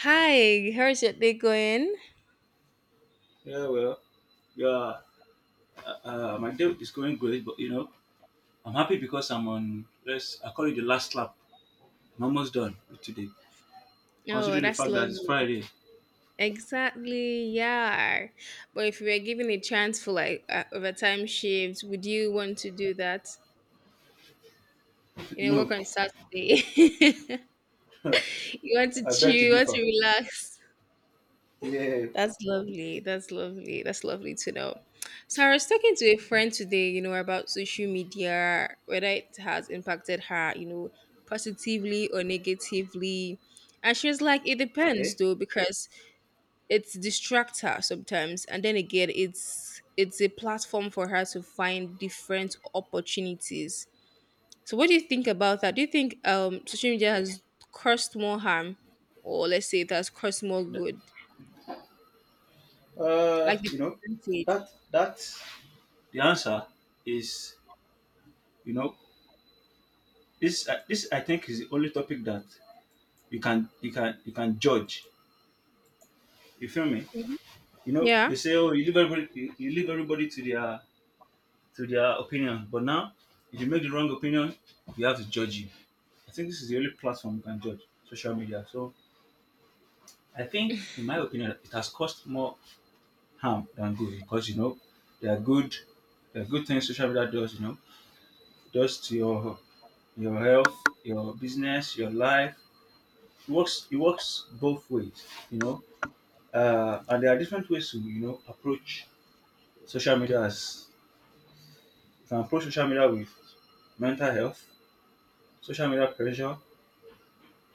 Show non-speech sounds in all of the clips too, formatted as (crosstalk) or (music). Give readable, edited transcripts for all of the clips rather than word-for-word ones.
Hi, how's your day going? Yeah, well, yeah, my day is going great, but I'm happy because I'm on, let's, I call it the last lap. I'm almost done with today, Oh, considering the that's fact that it's lovely. Friday. (laughs) Exactly, yeah. But if you were given a chance for like overtime shifts, would you want to do that? You know, work No, on Saturday. (laughs) You want to I chill, beg to you want differ. to relax. Yeah, That's lovely. That's lovely. That's lovely to know. So I was talking to a friend today, you know, about social media, whether it has impacted her, you know, positively or negatively. And she was like, it depends okay. though, because it's distract her sometimes and then again it's a platform for her to find different opportunities. So what do you think about that? Do you think social media has caused more harm, or let's say it has caused more The- good, Uh, like the you know, percentage? that, that, the answer is, you know, this I think is the only topic that you can judge. You feel me? Mhm. You know, Yeah, they say, oh, you leave everybody, you leave everybody to their opinion. But now, if you make the wrong opinion, we have to judge you. I think this is the only platform you can judge social media. So I think, in my opinion, it has caused more harm than good because you know there are good, there are good things social media does. You know, it does to your health, your business, your life. It works. It works both ways. You know, and there are different ways to you know approach social media. As you can approach social media with mental health, social media pressure,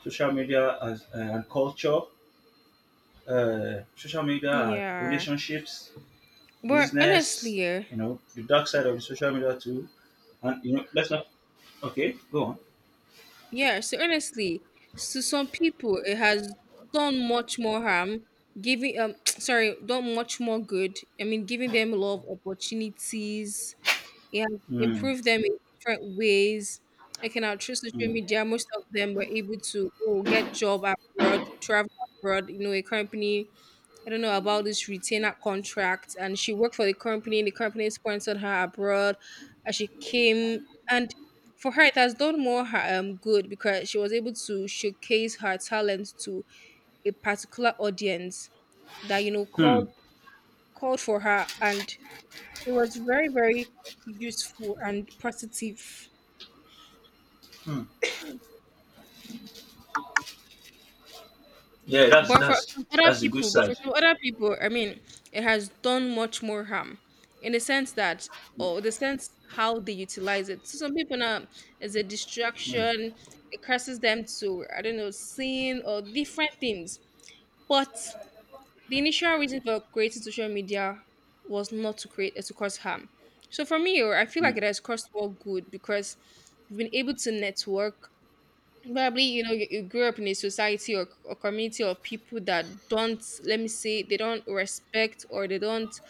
social media as, and culture, social media and yeah, relationships, but business, honestly, you know, the dark side of the social media too. And, you know, let's not, okay, go on. yeah, so honestly, to some people it has done much more harm, giving (tsk) sorry, done much more good, I mean, giving them a lot of opportunities. It has Mm, improved them in different ways. I, in our through social mm, media, most of them were able to oh, get job abroad, travel abroad, you know, a company. I don't know about this retainer contract. And she worked for the company sponsored her abroad as she came. And for her, it has done more her, good, because she was able to showcase her talent to a particular audience that, you know, hmm, called for her, and it was very, very useful and positive. hmm. Yeah, But for some other that's the good people, but for side. some other people, I mean, it has done much more harm, in the sense that, or the sense how they utilize it. So some people now is a Mm, distraction. It causes them to, I don't know, sin or different things. But the initial reason for creating social media was not to create, to cause harm. So for me, oh, I feel like mm, it has caused more good, because we've been able to network. Probably, you know, you grew up in a society or a community of people that don't, let me say they don't respect, or they don't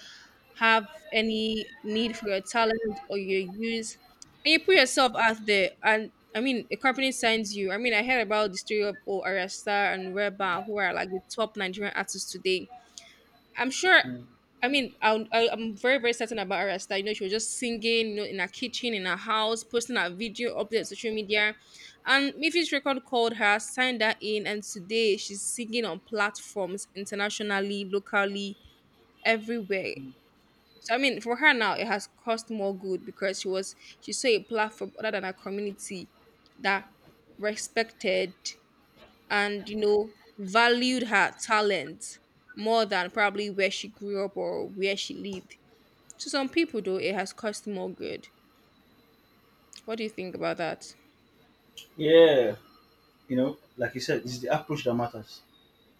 have any need for your talent or your use, and you put yourself out there and I mean a company signs you. I mean, I heard about the story of oh, Arasta and Reba, who are like the top Nigerian artists today. I'm sure. mm. I mean, I'm very, very certain about Arasta. You know, she was just singing, you know, in her kitchen, in her house, posting her video, up there on social media. And Miffy's Record called her, signed her in, and today she's singing on platforms internationally, locally, everywhere. So I mean, for her now, it has cost more good, because she saw a platform other than her community that respected and you know valued her talent more than probably where she grew up or where she lived. To some people though, it has caused more good. What do you think about that? Yeah, you know, like you said, it's the approach that matters.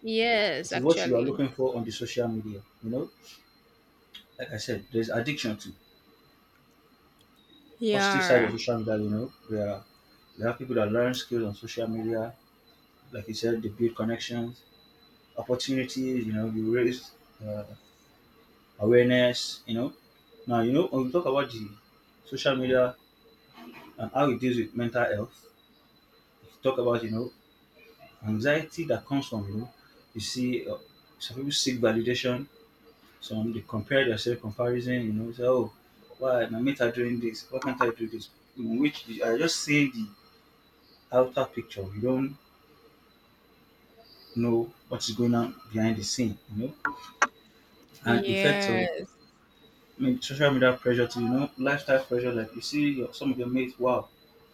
Yes, It is what you are actually. looking for on the social media. You know, like I said, there's addiction to positive side of Yeah. social media. You know, there are people that learn skills on social media. Like you said, they build connections, opportunities, you know, you raise uh, awareness, you know. Now, you know, when we talk about the social media and how it deals with mental health, if you talk about, you know, anxiety that comes from, you know, you see uh, some people seek validation, some they compare themselves, comparison, you know, say, oh, why my mates are doing this, why can't I do this? In which you are just seeing the outer picture, you don't know what is going on behind the scene, you know, and effects of Yes. mean social media pressure too, you know lifestyle pressure like you see your, some of your mates wow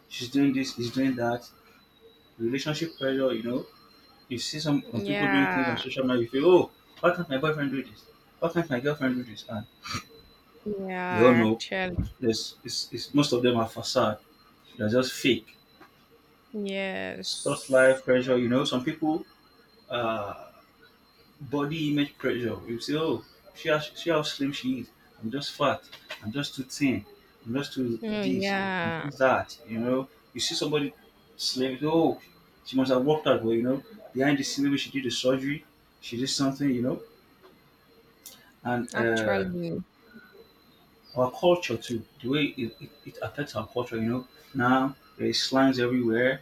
she's doing this he's doing that relationship pressure you know some people doing things on Yeah. social media you feel oh why can't my boyfriend do this why can't my girlfriend do this and we all Yeah, know actually. there's it's most of them are facade they're just fake such life Yes. pressure you know some people uh body image pressure. You say, oh, see how slim she is. I'm just fat. I'm just too thin. I'm just too Oh this. I'm yeah. too that. You know, you see somebody slim, you say, oh, she must have worked out well, you know. Behind the scene, maybe she did a surgery, she did something, you know. And Actually. Our culture too, the way it affects our culture, you know. Now, there's slangs everywhere,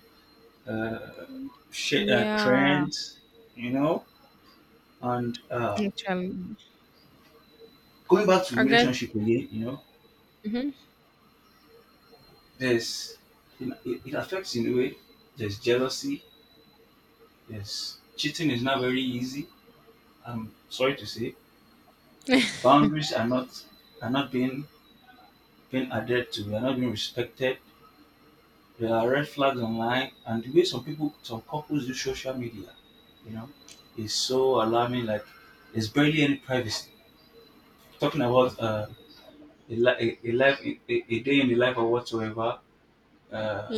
uh, Yeah. trends, you know. And Actually. Going back to I guess. relationship again, you know, Mhm. there's it affects in a way. There's jealousy. There's cheating is not very easy. I'm sorry to say, (laughs) boundaries are not being adhered to. They are not being respected. There are red flags online, and the way some people, some couples use social media, you know, is so alarming. Like there's barely any privacy. Talking about a life, a day in the life or whatsoever. Uh,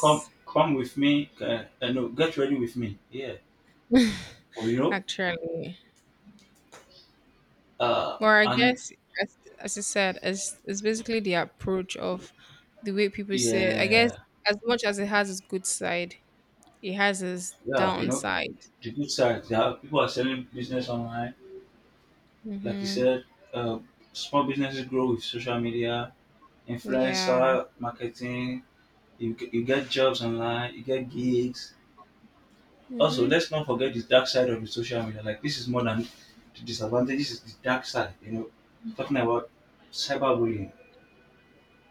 come with me. No, get ready with me. Yeah, well, you (laughs) know, Actually. Well, I and guess, as I said, it's basically the approach of the way people say it. I guess yeah, as much as it has its good side, it has its yeah, you know, downside. the good side, there are, people are selling business online. Like you Mm-hmm. said, uh, small businesses grow with social media, Yeah. influencer marketing. You get jobs online, you get gigs. Also, Mm-hmm. let's not forget the dark side of the social media. Like this is more than the disadvantage. This is the dark side. You know, talking about cyberbullying,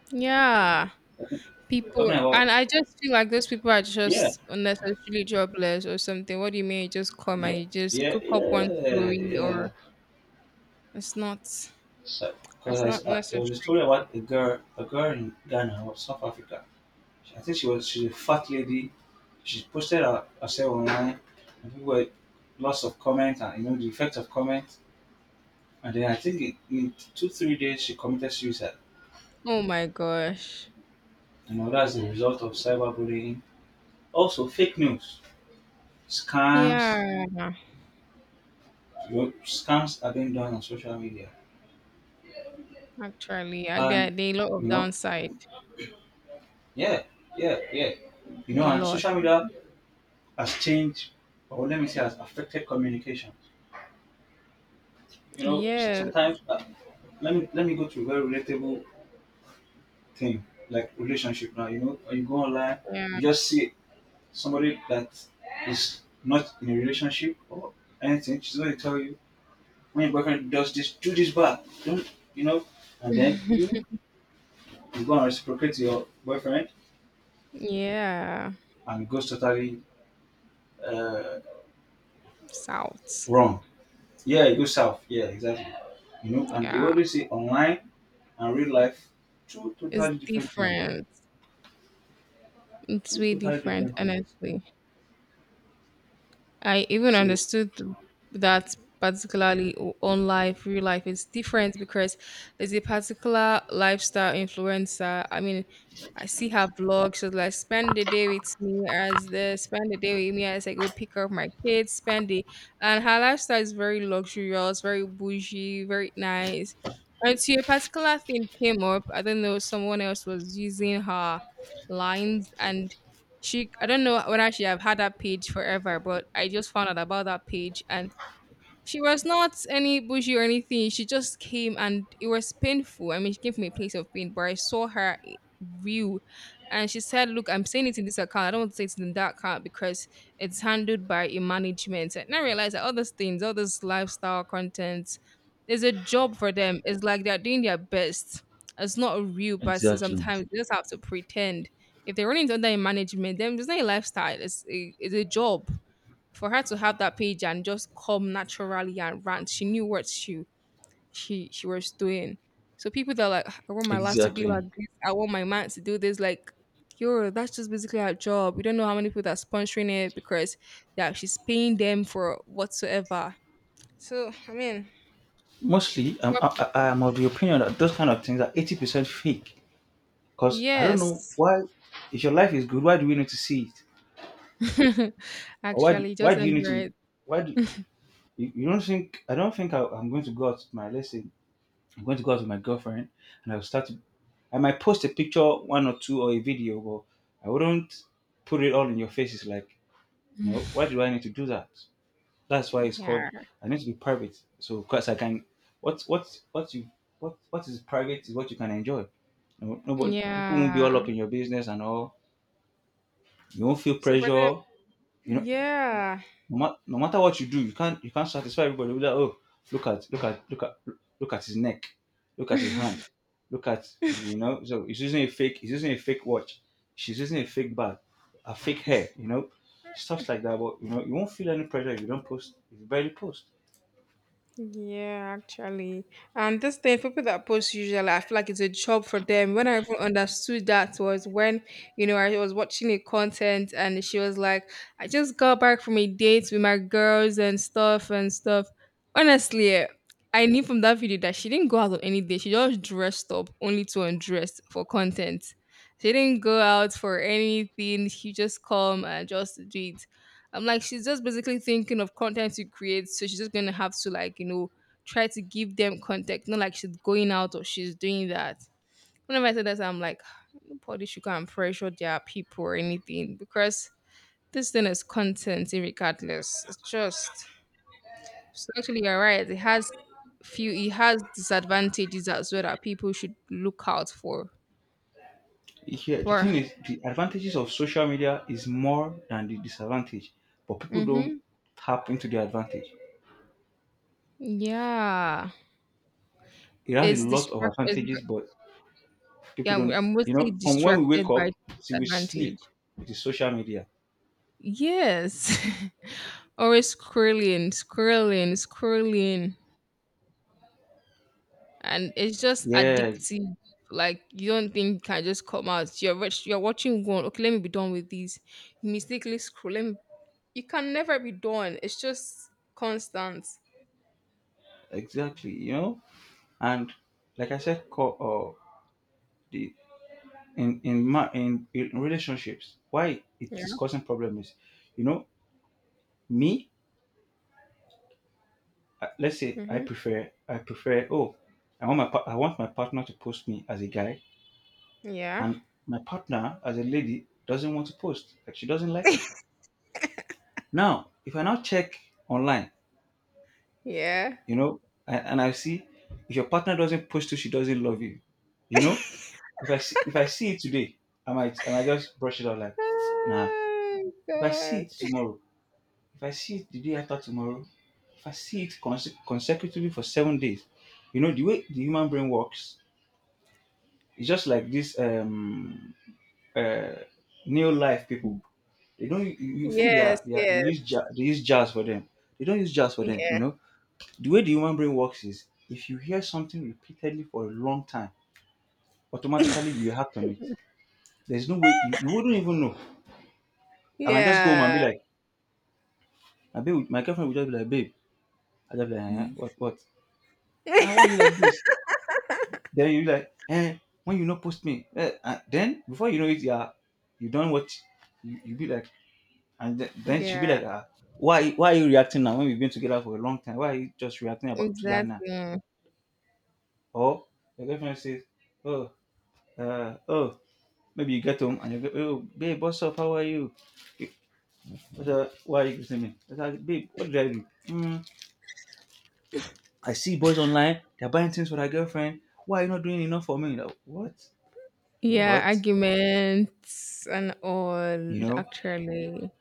Yeah. talking People, about and I just feel like those people are yeah, just unnecessarily jobless or something. What do you mean? You just come yeah, and you just yeah, cook up one yeah, story, yeah. or it's not So, it's not there necessary. was a story about a girl in Ghana or South Africa. I think she's a fat lady. Herself online, and people were lots of comments and you know the effect of comments. And then I think in 2, 3 days she committed suicide. Oh my gosh. You know that's the result of cyberbullying. Also, fake news, scams, Yeah, you know, scams are being done on social media, actually, and there are a lot you of know, downside. yeah, yeah, yeah. You know, A and lot. social media has changed, or let me say, has affected communication. You know, Yes. sometimes let me go to a very relatable thing like relationship. Now, you know, when you go online, Yeah. you just see somebody that is not in a relationship or anything. She's going to tell you when your boyfriend does this, do this back, don't you know? And then (laughs) You go and reciprocate to your boyfriend, Yeah. and it goes totally uh, South. wrong. Yeah, it goes south. Yeah, exactly. You know, and they Yeah. always say online and real life, two It's totally different things. different. It's Two way totally different, different things. honestly. I even So understood that particularly on life, real life is different because there's a particular lifestyle influencer. I mean, I see her vlog. She's like, spend the day with me as the spend the day with me as I go pick up my kids, spend the, and her lifestyle is very luxurious, very bougie, very nice. Until a particular thing came up, I don't know, someone else was using her lines and she, I don't know when, whether she have had that page forever, but I just found out about that page, and she was not any bougie or anything. She just came and it was painful. I mean, she came from a place of pain, but I saw her real. And she said, look, I'm saying it in this account. I don't want to say it in that account, because it's handled by a management. And I realized that all those things, all this lifestyle content, is a job for them. It's like they're doing their best. It's not a real person. exactly. Sometimes they just have to pretend. If they're running under a management, then it's not a lifestyle. It's a job. For her to have that page and just come naturally and rant, she knew what she was doing. So people that are like, I want my life to be like Exactly. this, I want my man to do this, like yo, that's just basically our job. We don't know how many people that are sponsoring it, because they're actually paying them for whatsoever. So I mean, Mostly, well, I'm of the opinion that those kind of things are 80% fake. Because I don't know yes. why, if your life is good, why do we need to see it? (laughs) Actually, Why just do you need enjoy to, it. why do, you don't think, I'm going to go out with my, let's say, I'm going to go out with my girlfriend and I'll start to, I might post a picture, one or two, or a video, but I wouldn't put it all in your faces like, you know, why (laughs) do I need to do that? That's why it's called. Yeah. I need to be private. So, because I can, what what what you what is private is what you can enjoy. No, nobody, people won't be all Yeah. up in your business and all. You won't feel So for them, pressure. You know, yeah. No matter what you do, you can't satisfy everybody. With that, oh, look at look at look at look at his neck, look at his hand, look at you know. So he's using a fake. He's using a fake watch. She's using a fake bag, a fake hair. You know, stuff like that. But you know, you won't feel any pressure if you don't post. If you barely post Yeah, actually. And this thing, people that post usually, I feel like it's a job for them. When I even understood that was when, you know, I was watching a content and she was like, I just got back from a date with my girls and stuff and stuff. Honestly, I knew from that video that she didn't go out on any day. She just dressed up only to undress for content. She didn't go out for anything. She just come and just did. I'm like, she's just basically thinking of content to create. So she's just going to have to, like, you know, try to give them content. Not like she's going out or she's doing that. Whenever I said that, I'm like, (sighs) nobody should go and pressure their people or anything, because this thing is content, regardless. It's just, so actually, you're right. It has few, it has disadvantages as well that people should look out for. yeah, the But, thing is, the advantages of social media is more than the disadvantage, but people don't mm-hmm, tap into the advantage. yeah, It has a it's lot of distract. It's, advantages, but people yeah, I'm don't. I'm You mostly know, from when we wake distracted by up the till we disadvantage. sleep, it is social media. Yes. (laughs) Always scrolling, scrolling, scrolling. And it's just Yeah, addictive. Like you don't think you can just come out. You're rich, you're watching one. Okay, let me be done with this. You mistakenly scroll. Let me, you can never be done. It's just constant. exactly. You know, and like I said, co- the in relationships, why it is Yeah. causing problems is, you know, me. Let's say Hmm. I prefer. Oh, I want my partner to post me as a guy Yeah. and my partner as a lady doesn't want to post like she doesn't like it now if I now check online Yeah. you know and I see if your partner doesn't post it she doesn't love you you know (laughs) if I see it today I might just brush it out like nah Oh if I see God. it tomorrow if I see it the day after tomorrow if I see it consecutively for 7 days you know the way the human brain works it's just like this uh, new life people. They don't. You think Yes, they are yes. They use jazz for them. They don't use jazz for them. You Yeah. know the way the human brain works is if you hear something repeatedly for a long time, automatically you act on it. There's no way you wouldn't even know. I might just go home and be Yeah. like, my girlfriend would just be like, babe, I just be like, eh, what what? Ah, why are you (laughs) like this? Then you like, eh, when you not post me, eh, ah, then before you know it, yeah, you done what you be like, and then she'll be Yeah. like, ah, why are you reacting now when we've been together for a long time? Why are you just reacting about to that now? Exactly. Or your girlfriend says, oh, oh, maybe you get home and you go, oh, babe, what's up? How are you? You- what's up? Why are you greeting me? It's like, babe, what did I do? Hmm, I see boys online, they're buying things for their girlfriend. Why are you not doing enough for me? Like, what? Yeah, What? arguments and all, You know? actually.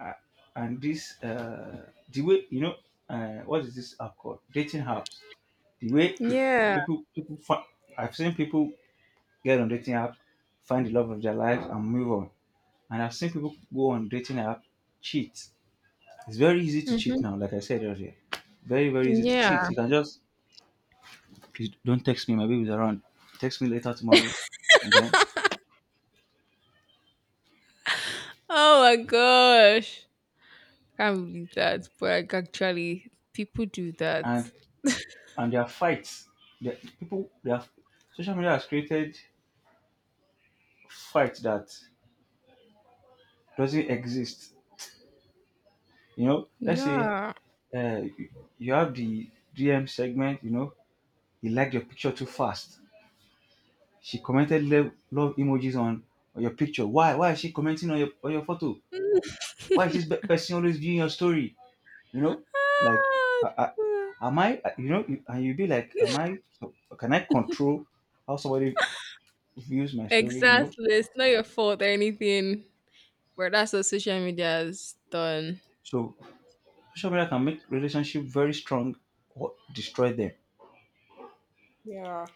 uh, and this the way what is this app called, dating apps, the way it, Yeah. people find. I've seen people get on dating apps, find the love of their life and move on. And I've seen people go on dating app, cheat. It's very easy to cheat Hmm. now, like I said earlier. Very, very easy to cheat. Yeah. You can just, "Please don't text me, my baby's around. Text me later, tomorrow." And then Oh my gosh. Can't believe that. But like, actually, people do that. and and there are fights. There people there are Social media has created fights that doesn't exist. You know, let's say Yeah. You you have the DM segment. You know, he liked your picture too fast. She commented love, love emojis on your picture. Why? Why is she commenting on your photo? (laughs) Why is this person always viewing your story? You know, like, I, am I? You know, and you'll be like, am I? Can I control how somebody views my story? You know, Exactly. It's not your fault or anything. But that's what social media has done. so social media can make relationship very strong or destroy them. Yeah.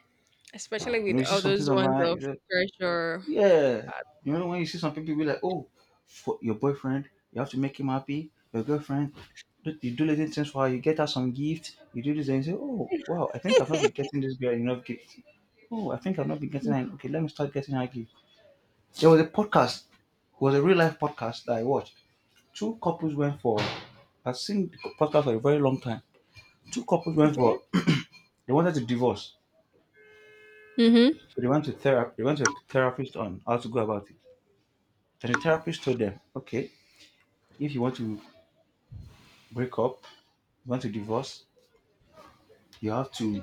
Especially You know, with you see all something those ones of online. pressure. Yeah. You know, when you see some people be like, oh, for your boyfriend, you have to make him happy. Your girlfriend, you do little things for her. You get her some gift. You do this and you say, oh, wow, I think I've not been getting this girl enough gift. Oh, I think I've not been getting her. Okay, let me start getting her gift. There was a podcast. It was a real life podcast that I watched. Two couples went for, I've seen the podcast for a very long time. Two couples went Okay. for, they wanted to divorce. Mm-hmm. So they went to therapy. They went to a therapist on how to go about it. And the therapist told them, okay, if you want to break up, you want to divorce, you have to.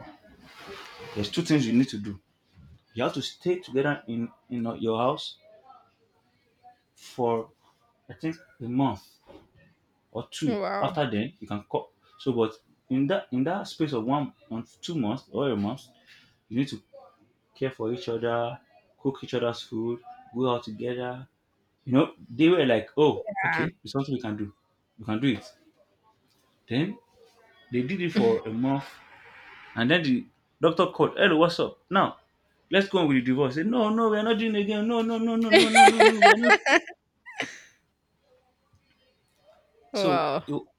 There's two things you need to do. You have to stay together in your house for, I think, a month or two. Wow. After then, you can call. So, but in that space of 1 month, 2 months, or a month, you need to care for each other, cook each other's food, go out together. You know, they were like, oh, okay, it's something we can do. We can do it. Then they did it Yeah. for a month. And then the doctor called, "Hello, what's up? Now, let's go on with the divorce." He said, "No, no, we're not doing it again. No, no, no, no, no, no, no, no, we're (laughs) not." So Wow.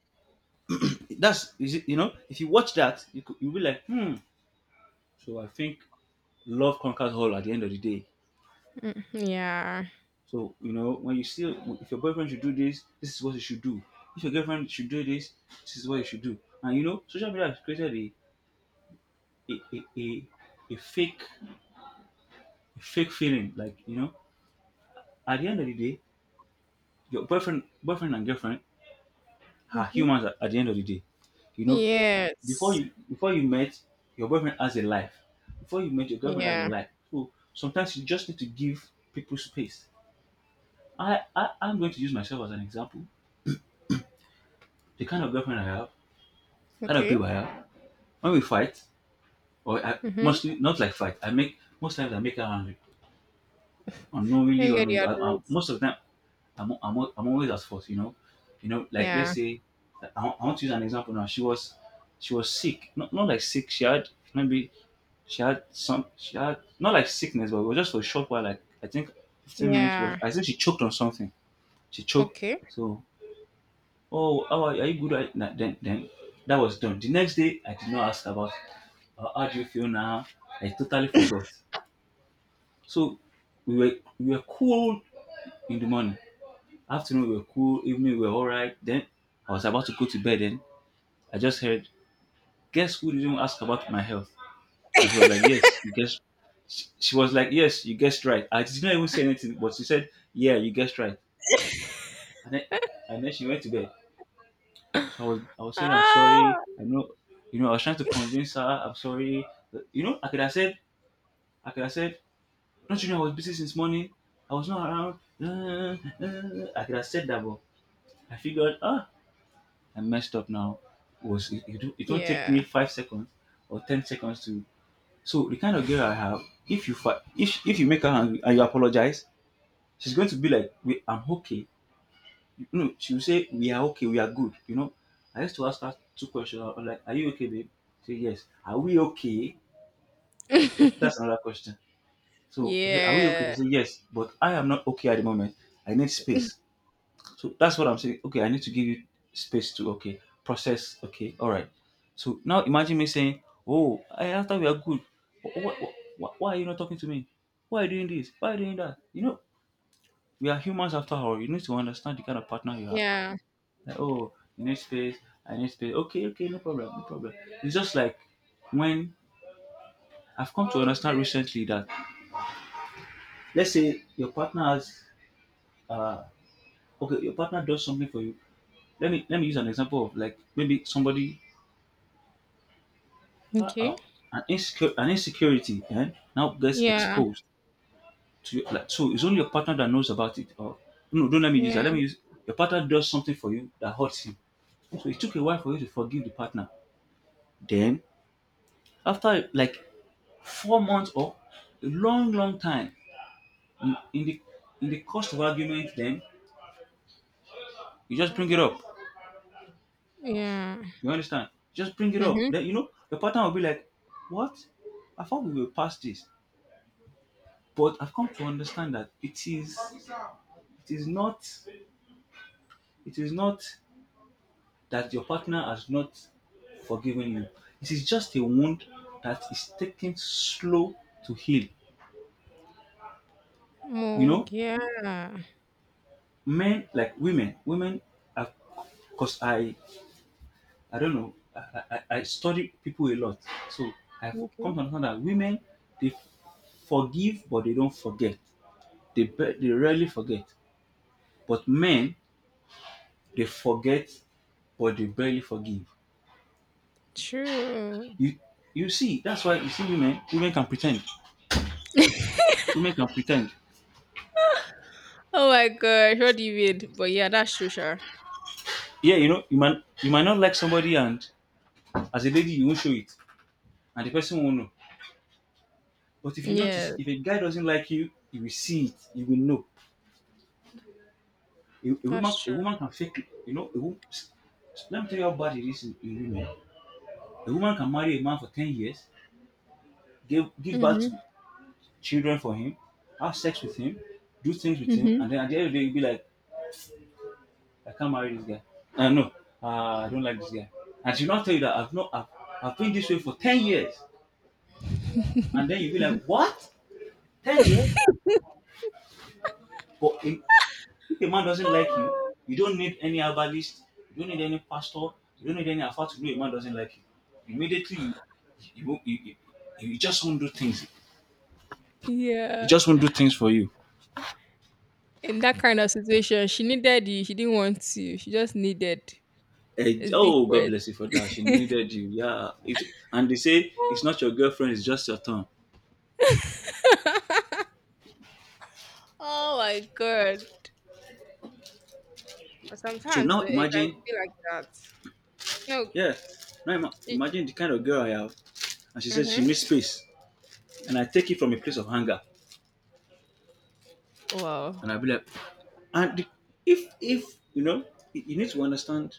that's, you know, if you watch that, you could, you'll be like, hmm. So I think love conquers all at the end of the day. Mm, yeah. So, you know, when you see, if your boyfriend should do this, this is what he should do. If your girlfriend should do this, this is what you should do. And you know, social media has created a, a, a, a fake, a fake feeling. Like, you know, at the end of the day, your boyfriend and girlfriend are Mhm. humans at the end of the day. You know, Yes. Before you met, your boyfriend has a life. Before you met, your girlfriend has a Yeah. life. So sometimes you just need to give people space. I I'm going to use myself as an example. The kind of girlfriend I have, kind of Okay. people I have. When we fight, or I Mhm. mostly not like fight, I make, most times I make her angry, unknowingly or Finger the knowingly. Admits. Most of the time I'm always at fault, you know. You know, like let's Yeah. say, like, I want to use an example now. She was sick. Not, not like sick. She had, maybe she had some. She had not like sickness, but it was just for a short while. Like I think 15 minutes was. Yeah. I think she choked on something. She choked. Okay. So, "Oh, how are you good? Right now?" Then that was done. The next day, I did not ask about how do you feel now? I totally forgot. So we were we were cool in the morning. Afternoon we were cool, evening we were alright. Then I was about to go to bed, then I just heard, "Guess who didn't ask about my health?" And she was like, "Yes, you guessed," she was like, "Yes, you guessed right." I did not even say anything, but she said, "Yeah, you guessed right." And then and then she went to bed. (coughs) (gasps) So I was saying I'm sorry. Ah. I know, you know, I was trying to convince her, I'm sorry. But, you know, I could have said, "Don't you know I was busy since morning? I was not around." (laughs) I could have said that, but I figured, ah, I messed up now. Was it, it won't take me Yeah. 5 seconds or 10 seconds to. So the kind of girl I have, if you if you make her angry and you apologize, she's going to be like, "We, I'm okay." You know, she will say, "We are okay. We are good." You know, I used to ask her two questions. I was like, "Are you okay, babe?" She say, "Yes." "Are we okay?" That's (laughs) another question. So I say, "Are we okay?" She Yeah. say, "Yes," but I am not okay at the moment. I need space. So that's what I'm saying. Okay, I need to give you space to, okay, process. Okay, all right. So now imagine me saying, "Oh, I, after we are good, why, why are you not talking to me? Why are you doing this? Why are you doing that?" You know, we are humans after all. You need to understand the kind of partner you have. Yeah. Like, oh, you need space. I need space. Okay, okay, no problem, no problem. It's just like when I've come to understand recently that, let's say your partner has uh okay, your partner does something for you. Let me use an example of like maybe somebody. Okay. Uh-oh. An insecure, an insecurity, eh, now gets Yeah. exposed to you. Like, so it's only your partner that knows about it. Or no, don't let me use that. Yeah. Let me use, your partner does something for you that hurts him. So it took a while for you to forgive the partner. Then after like 4 months or a long, long time in, in the in the course of argument, then you just bring it up. Yeah. You understand? Just bring it up. Mhm. Then you know your partner will be like, "What? I thought we were past this." But I've come to understand that it is, it is not it is not that your partner has not forgiven you, it is just a wound that is taking slow to heal. You Oh know, yeah. men, like women, women are, because I don't know, I study people a lot. So I come Okay. to understand that women, they forgive but they don't forget. They they rarely forget. But men, they forget but they barely forgive. True. You you see, that's why you see women, women can pretend. (laughs) Women can pretend. Oh my gosh. What do you mean? But yeah, that's true, sure. Yeah, you know, you might, you might not like somebody, and as a lady, you won't show it, and the person won't know. But if you notice, Yes, if a guy doesn't like you will see it. You will know. A woman, that's a true. woman can fake it. You know, a woman, let me tell you how bad it is in women. A woman can marry a man for 10 years, give birth Mhm. to children for him, have sex with him, do things with him, Mhm. and then at the end of the day, you'll be like, "I can't marry this guy. No, I don't like this guy." And she'll not tell you that I've not I've, I've been this way for 10 years. And then you'll be (laughs) like, what? 10 years? But if a man doesn't like you don't need any herbalist, you don't need any pastor, you don't need any alpha to know a man doesn't like you. Immediately, you you just won't do things. You Yeah. just won't do things for you. In that kind of situation, she needed you. She didn't want you. She just needed. Eh, It's oh, God different. bless you for that. She (laughs) needed you. Yeah. It, and they say it's not your girlfriend, it's just your tongue. Oh my god. But So sometimes now the it can imagine, be like that. No. yeah, now It, imagine the kind of girl I have. And she says she mm-hmm. needs space. And I take it from a place of hunger. Wow. And I'll be like, and if you know, you need to understand.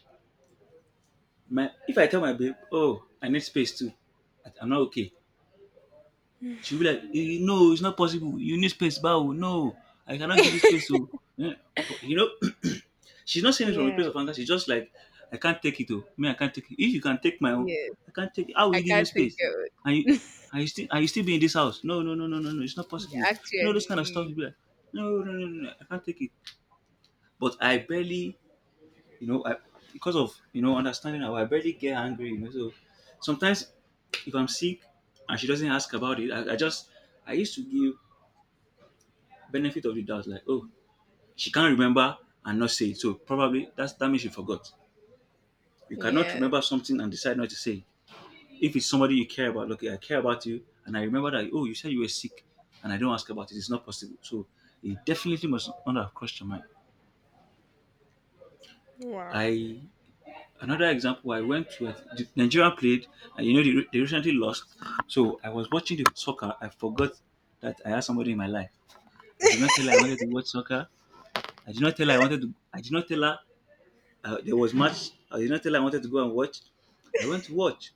My, if I tell my babe, oh, I need space too. I'm not okay. (laughs) She'll be like, "Eh, no, it's not possible. You need space, bow. No, I cannot give you space. So, eh, but (clears throat) she's not saying it from a Yeah. place of anger. She's just like, I can't take it. Oh, me, I can't take it. If you can take my own, Yes. I can't take it. How will I you give me can't take space? And you, it. (laughs) Are you still be in this house? No, no, no, no, no, no. It's not possible. You know those kind of stuff. You Actually. be like, no, no, no, no, no. I can't take it. But I barely you know, I, because of understanding her, I barely get angry. You know, so sometimes if I'm sick and she doesn't ask about it, I just I used to give benefit of the doubt, like, oh, she can't remember and not say it, so probably that means she forgot. You cannot Yeah. remember something and decide not to say it. If it's somebody you care about, okay, I care about you, and I remember that, oh, you said you were sick, and I don't ask about it, it's not possible. So it definitely must not have crossed your mind. Wow. I Another example, I went to a, the Nigeria played, and you know they recently lost, so I was watching the soccer. I forgot that I had somebody in my life. I did not tell her I wanted to watch soccer. I did not tell her there was match. I did not tell her I wanted to go and watch. I went to watch,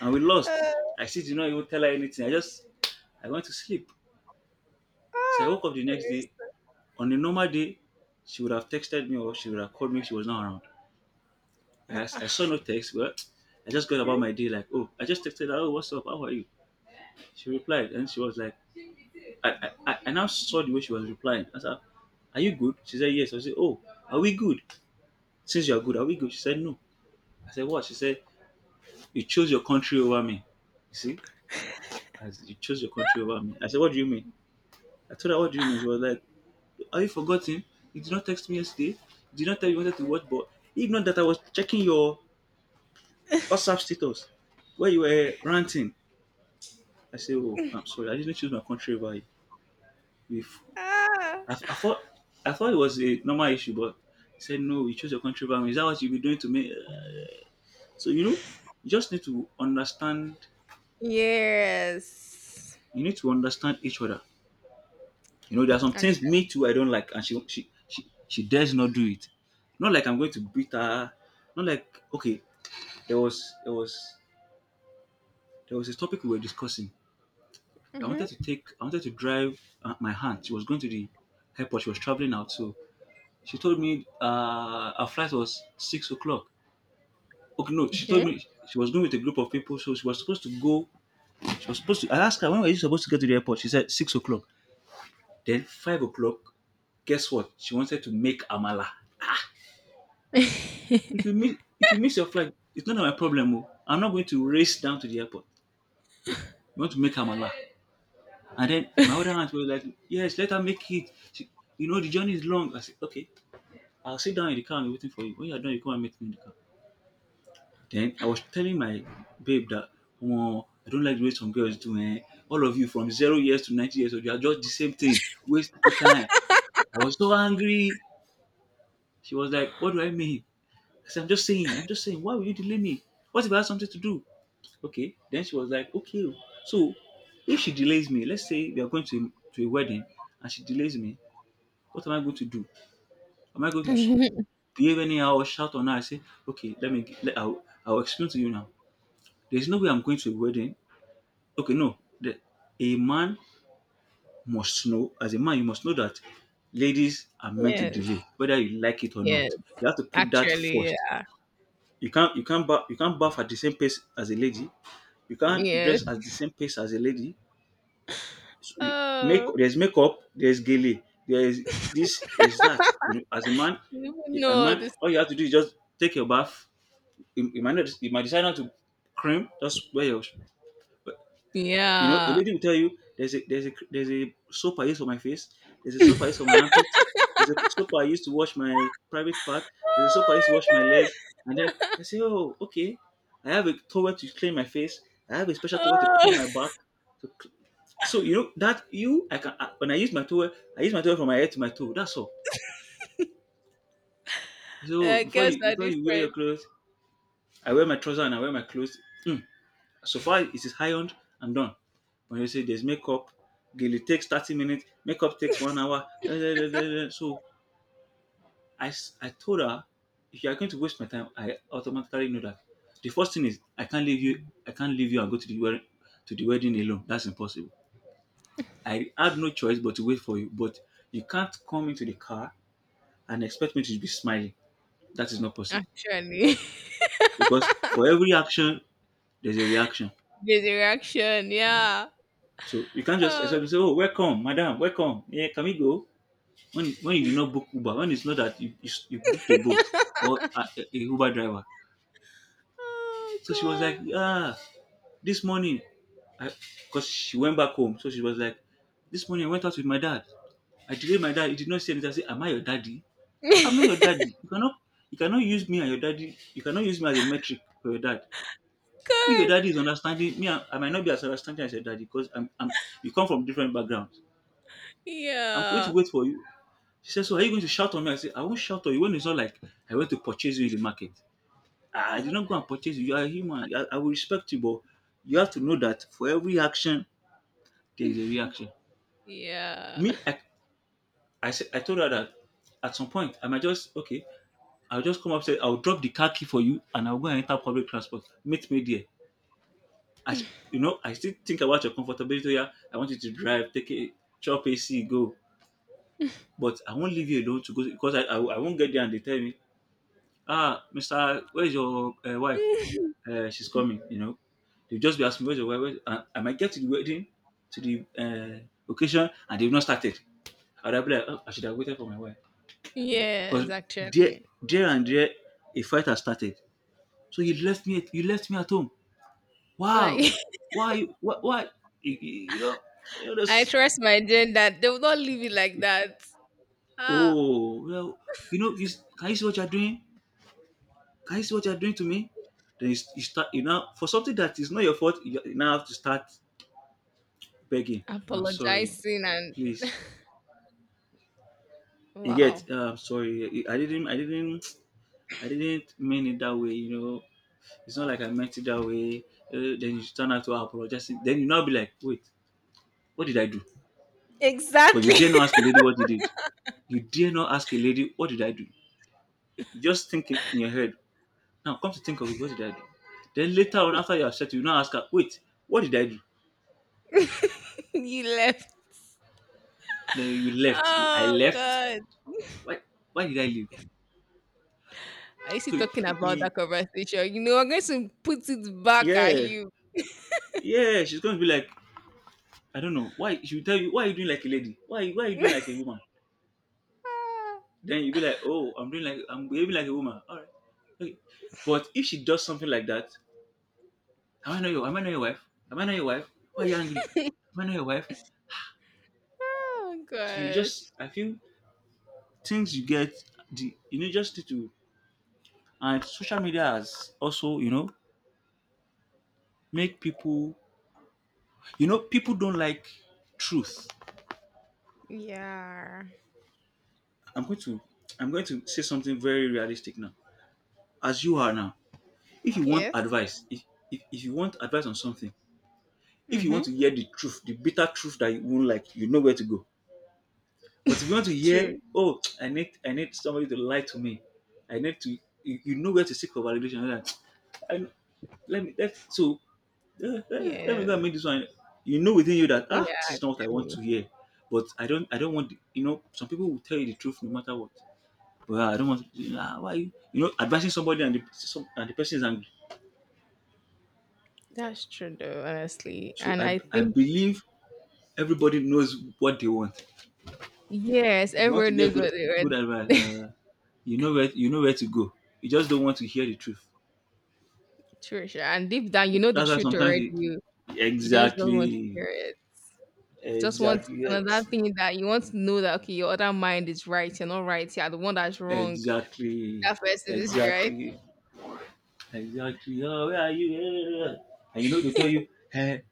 and we lost. Uh, I still did not even tell her anything. I went to sleep. So I ah, woke up the where next is- day. On a normal day, she would have texted me, or she would have called me if she was not around. Ah, I ah, saw no text, but I just got about okay. my day. Like, oh, I just texted her, oh, what's up? How are you? She replied, and she was like, I now saw the way she was replying. I said, are you good? She said, yes. I said, oh, are we good? Since you are good, are we good? She said, no. I said, what? She said, you chose your country over me. You see, as you chose your country over me. I said, what do you mean? I told her, what do you mean? She was like, are you forgotten? You did not text me yesterday. You did not tell me you wanted to watch, but even not that I was checking your WhatsApp status where you were ranting. I say, oh, I'm sorry. I usually choose my country over you. If Ah. I, I thought I thought it was a normal issue, but he said no. You chose your country over me. Is that what you be doing to me? So you know, you just need to understand. Yes. You need to understand each other. You know, there are some things Actually. me too I don't like, and she dares not do it. Not like I'm going to beat her. Not like okay, there was there was there was a topic we were discussing. Mhm. I wanted to drive my aunt. She was going to the airport. She was traveling out, so she told me her flight was 6 o'clock. Okay, no, she told Okay. me she was going with a group of people, so she was supposed to go. She was supposed to. I asked her, when were you supposed to get to the airport? She said 6 o'clock. Then 5 o'clock. Guess what? She wanted to make amala. (laughs) If you miss your flight, it's not my problem. Oh, I'm not going to race down to the airport. You want to make amala? And then my other aunt was like, "Yes, let her make it. She, you know the journey is long." I said, "Okay, I'll sit down in the car and be waiting for you. When you're done, you come and meet me in the car." Then I was telling my babe that, "Oh, I don't like the way some girls do, eh. All of you from 0 years to 90 years old, you are just the same thing, waste wasting time." I was so angry. She was like, "What do I mean?" I said, I'm just saying. Why will you delay me? What if I have something to do?" Okay. Then she was like, "Okay. Oh. So if she delays me, let's say we are going to a wedding and she delays me, what am I going to do? Am I going to behave anyhow or shout on her? I say, okay, I'll explain to you now. There's no way I'm going to a wedding. Okay, no. The, a man must know, as a man, you must know that ladies are meant to delay, Yes. whether you like it or Yes. not. You have to put that Actually, first. yeah. You can't bath at the same pace as a lady. You can't dress Yes. at the same pace as a lady. So you- make Oh, there's makeup, there's gele, there's this, there's that. You know, you would a know man, this. all you have to do is just take your bath. You might not, you might decide not to cream. Just wear your You know, the Yeah. lady will tell you there's a soap I use for my face, there's a soap I use for my armpit, there's a soap I use to wash my private part, there's a Oh soap I use to my wash my leg, god. (laughs) and then I say, oh, okay, I have a towel to clean my face, I have a special towel to clean Oh, my back. To cl- so you know that you I, when I use my towel, I use my towel from my head to my toe. That's all. (laughs) So I guess are before you wear your different. clothes, I wear my trousers and I wear my clothes. Hmm. So far, it is ironed and done. When you say there's makeup, Gilly takes 30 minutes, makeup takes 1 hour. Da, da, da, da, da. So I told her, if you are going to waste my time, I automatically know that. The first thing is I can't leave you and go to the wedding alone. That's impossible. I had no choice but to wait for you. But you can't come into the car and expect me to be smiling. That is not possible. Actually, Because for every action, there's a reaction. (laughs) the direction. Yeah. So you can't just expect Oh. to say, "Oh, welcome, madam, welcome. Yeah, can we go?" When you did not book Uber, when it's not that you booked a boat (laughs) or a Uber driver. Oh So she was like, god. "Yeah, this morning," because she went back home, so she was like, "This morning I went out with my dad. I delayed my dad. He did not say anything." I said, "Am I your daddy? I'm not your (laughs) daddy. You cannot use me and your daddy. You cannot use me as a metric for your dad." If your God. daddy is understanding me, I might not be as understanding as your daddy because I'm, you come from different backgrounds. I'm going to Yeah. wait for you. She said, "So are you going to shout on me?" I said, "I won't shout on you when it's not like I went to purchase you in the market. Ah, I did Ah. not go and purchase you. You are a human. I will respect you, but you have to know that for every action there is a reaction." Yeah. Me, I, I said, I told her that at some point I might just okay. I'll just come upstairs. I'll drop the car key for you, and I'll go and enter public transport. Meet me there. I, sh- you know, I still think about your comfortability. Oh, yeah, I want you to drive, take a chop AC, go. But I won't leave you alone to go because I won't get there and they tell me, ah, Mister, where's your wife? (laughs) She's coming. You know, they'll just be asking where's your wife. Where's, and I might get to the wedding, to the occasion, and they've not started. I'd have been like, oh, I should have waited for my wife because Yes, there, actually. there and there, a fight has started. So you left me. You left me at home. Wow, Like (laughs) why? Why? Why? You, you you know, you know I this. trust my gender. They will not leave it like that. Ah, Oh well, you know, can you see what you're doing? Can you see what you are doing to me? Then you start, you know, for something that is not your fault, you now have to start begging. I'm sorry, apologizing and please. Wow. I'm sorry. I didn't mean it that way. You know, it's not like I meant it that way. Then you turn out to apologize. Then you now be like, wait, what did I do? But you Exactly. dare not ask a lady what you did. You dare not ask a lady what did I do. You just think in your head. Now come to think of it, what did I do? Then later on, after you are upset, you now ask her, wait, what did I do? (laughs) You left. Then you left. I Oh left. God. why why did I leave? Are you still So talking he, about he- that conversation? You know, I'm going to put it back at yeah, you. yeah, she's going to be like, I don't know, why she will tell you, why are you doing like a lady? Why are you doing like (laughs) a woman? Ah. Then you'll be like, oh, I'm behaving like a woman. All right. Okay. But if she does something like that, am I not your wife? Am I not your wife? Why are you angry? (laughs) Am I not your wife? Oh So you just gosh. I feel things you get the you know just need to and social media has also, you know, make people, you know, people don't like truth. Yeah. I'm going to I'm going to say something very realistic now. As you are now, if you want Yes. advice, if you want advice on something, if you Mm-hmm. want to hear the truth, the bitter truth that you won't like, you know where to go. But if you want to (laughs) hear, True. oh, I need somebody to lie to me, I need to you know where to seek for validation. You Like, I, let me let so let me go Yes. and make this one. You know within you that ah, this Yeah. is not what I want to hear. But I don't want you know, some people will tell you the truth no matter what. Well, I don't want to. Ah, why you, you know, advising somebody and and the person is angry. That's true though, honestly. So And I I I think believe everybody knows what they want. yes, If you want to everyone get knows what they read. good advice, you know where to go. You just don't want to hear the truth. True, sure. And deep down you know the That's why truth sometimes already. you, You just don't want to exactly, hear it. Just want exactly, yes, another thing that you want to know, that okay, your other mind is right, you're not right, you're the one that's wrong. exactly, That person is right. exactly, exactly. Oh, where are you? Eh, And you know they tell you, hey,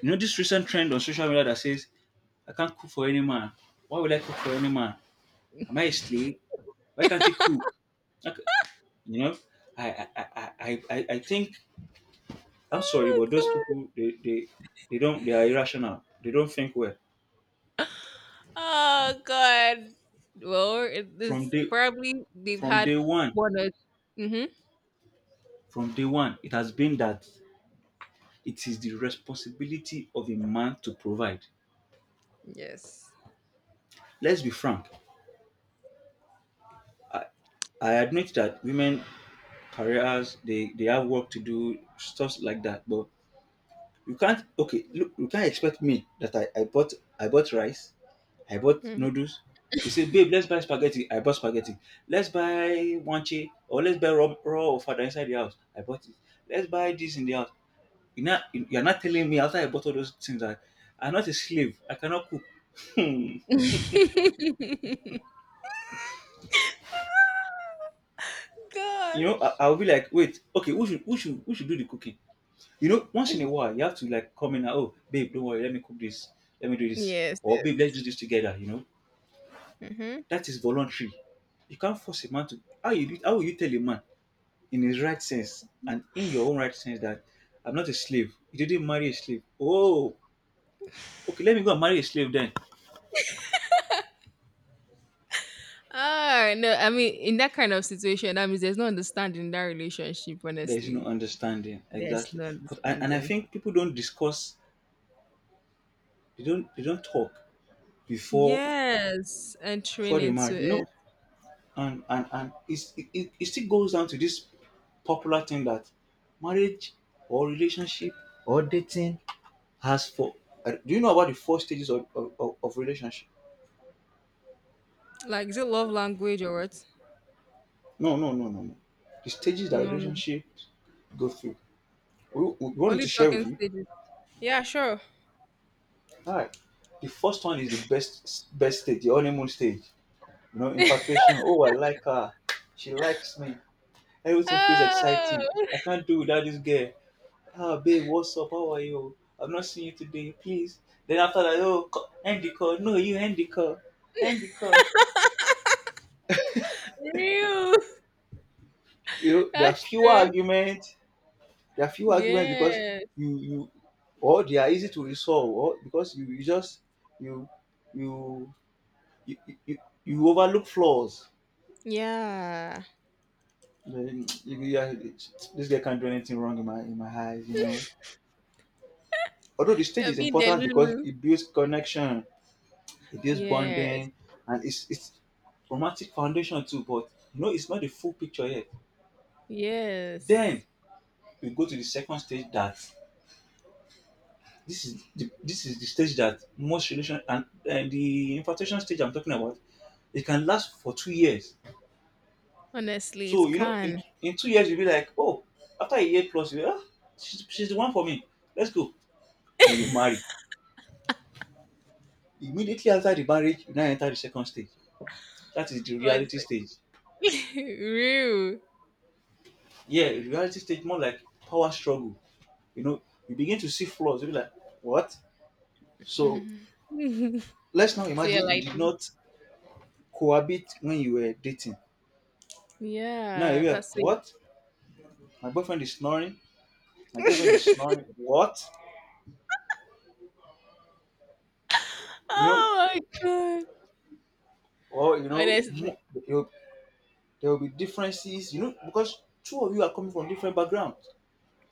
you know this recent trend on social media that says I can't cook for any man. Why would I cook for any man? Am I a slave? Why can't he cook? Okay, you know, I I, I, I think I'm sorry, Oh but those god. people they don't, they are irrational. They don't think well. Oh god. Well, it From is day probably they've from had day one, one or, mm-hmm. from day one, it has been that it is the responsibility of a man to provide. Yes. Let's be frank. I admit that women careers they have work to do, stuff like that. But you can't okay, look, you can't expect me that I bought rice, I bought Hmm. (laughs) noodles. He said, babe, let's buy spaghetti. I bought spaghetti. Let's buy wanche or let's buy raw fada inside the house. I bought it. Let's buy this in the house. You're not telling me after I bought all those things that I'm not a slave. I cannot cook. (laughs) God. You know, I'll be like, wait, okay, who should do the cooking? You know, once in a while, you have to like come in and, oh, babe, don't worry, let me cook this. Let me do this. Yes, Or babe, let's yes. do this together, you know. Mm-hmm. That is voluntary. You can't force a man to, how will you tell a man in his right sense and in your own right sense that I'm not a slave. You didn't marry a slave. Oh, okay, let me go and marry a slave then. Ah, no, I mean, in that kind of situation, that means there's no understanding in that relationship, There is no honestly. understanding, There's exactly. no But and I understanding. think people don't discuss. They don't. They don't talk before, Yes, before entering they into marry. You know, it. and it's, it still goes down to this popular thing that marriage or relationship or dating has for. Do you know about the four stages of, of relationship? Like, is it love language or what? No, no, no, no, no. The stages that No, no. relationships go through. You want me to Only share with talking you? stages. Yeah, sure. Alright. The first one is the best stage, the honeymoon stage. You know, (laughs) infatuation. Oh, I like her. She likes me. Everything feels exciting. Oh, I can't do without this girl. Ah, babe, what's up? How are you? I've not seen you today. Please. Then after that, oh, end the call. No, you end the call. End the call. real. You know, (laughs) there are That's fewer true. arguments. There are fewer arguments because Yes. you or they are easy to resolve or because you you you, you, you overlook flaws. Yeah. You you- yeah, this guy can't do anything wrong in my eyes, you know. Although the stage You're is being important because Delulu. it builds connection, it builds Yes. bonding, and it's romantic foundation too. But you know, it's not the full picture yet. Then Yes. we go to the second stage that this is the stage that most relation and the infatuation stage I'm talking about. It can last for 2 years. Honestly, So it you know, can. in 2 years you'll be like, oh, after a year plus, you ah, she's the one for me. Let's go. Then you marry. Immediately after the marriage, you now enter the second stage. That is the Oh, reality stage. it's like, (laughs) real. Yeah, the reality stage more like power struggle. You know, you begin to see flaws. You'll be like, what? So (laughs) let's now So you're imagine you like, did not cohabit when you were dating. Now yeah, you are that's it. what? My boyfriend is snoring. My girlfriend is (laughs) snoring. What? You know, Oh my god. or you know, mo- Honestly. there will be differences, you know, because two of you are coming from different backgrounds.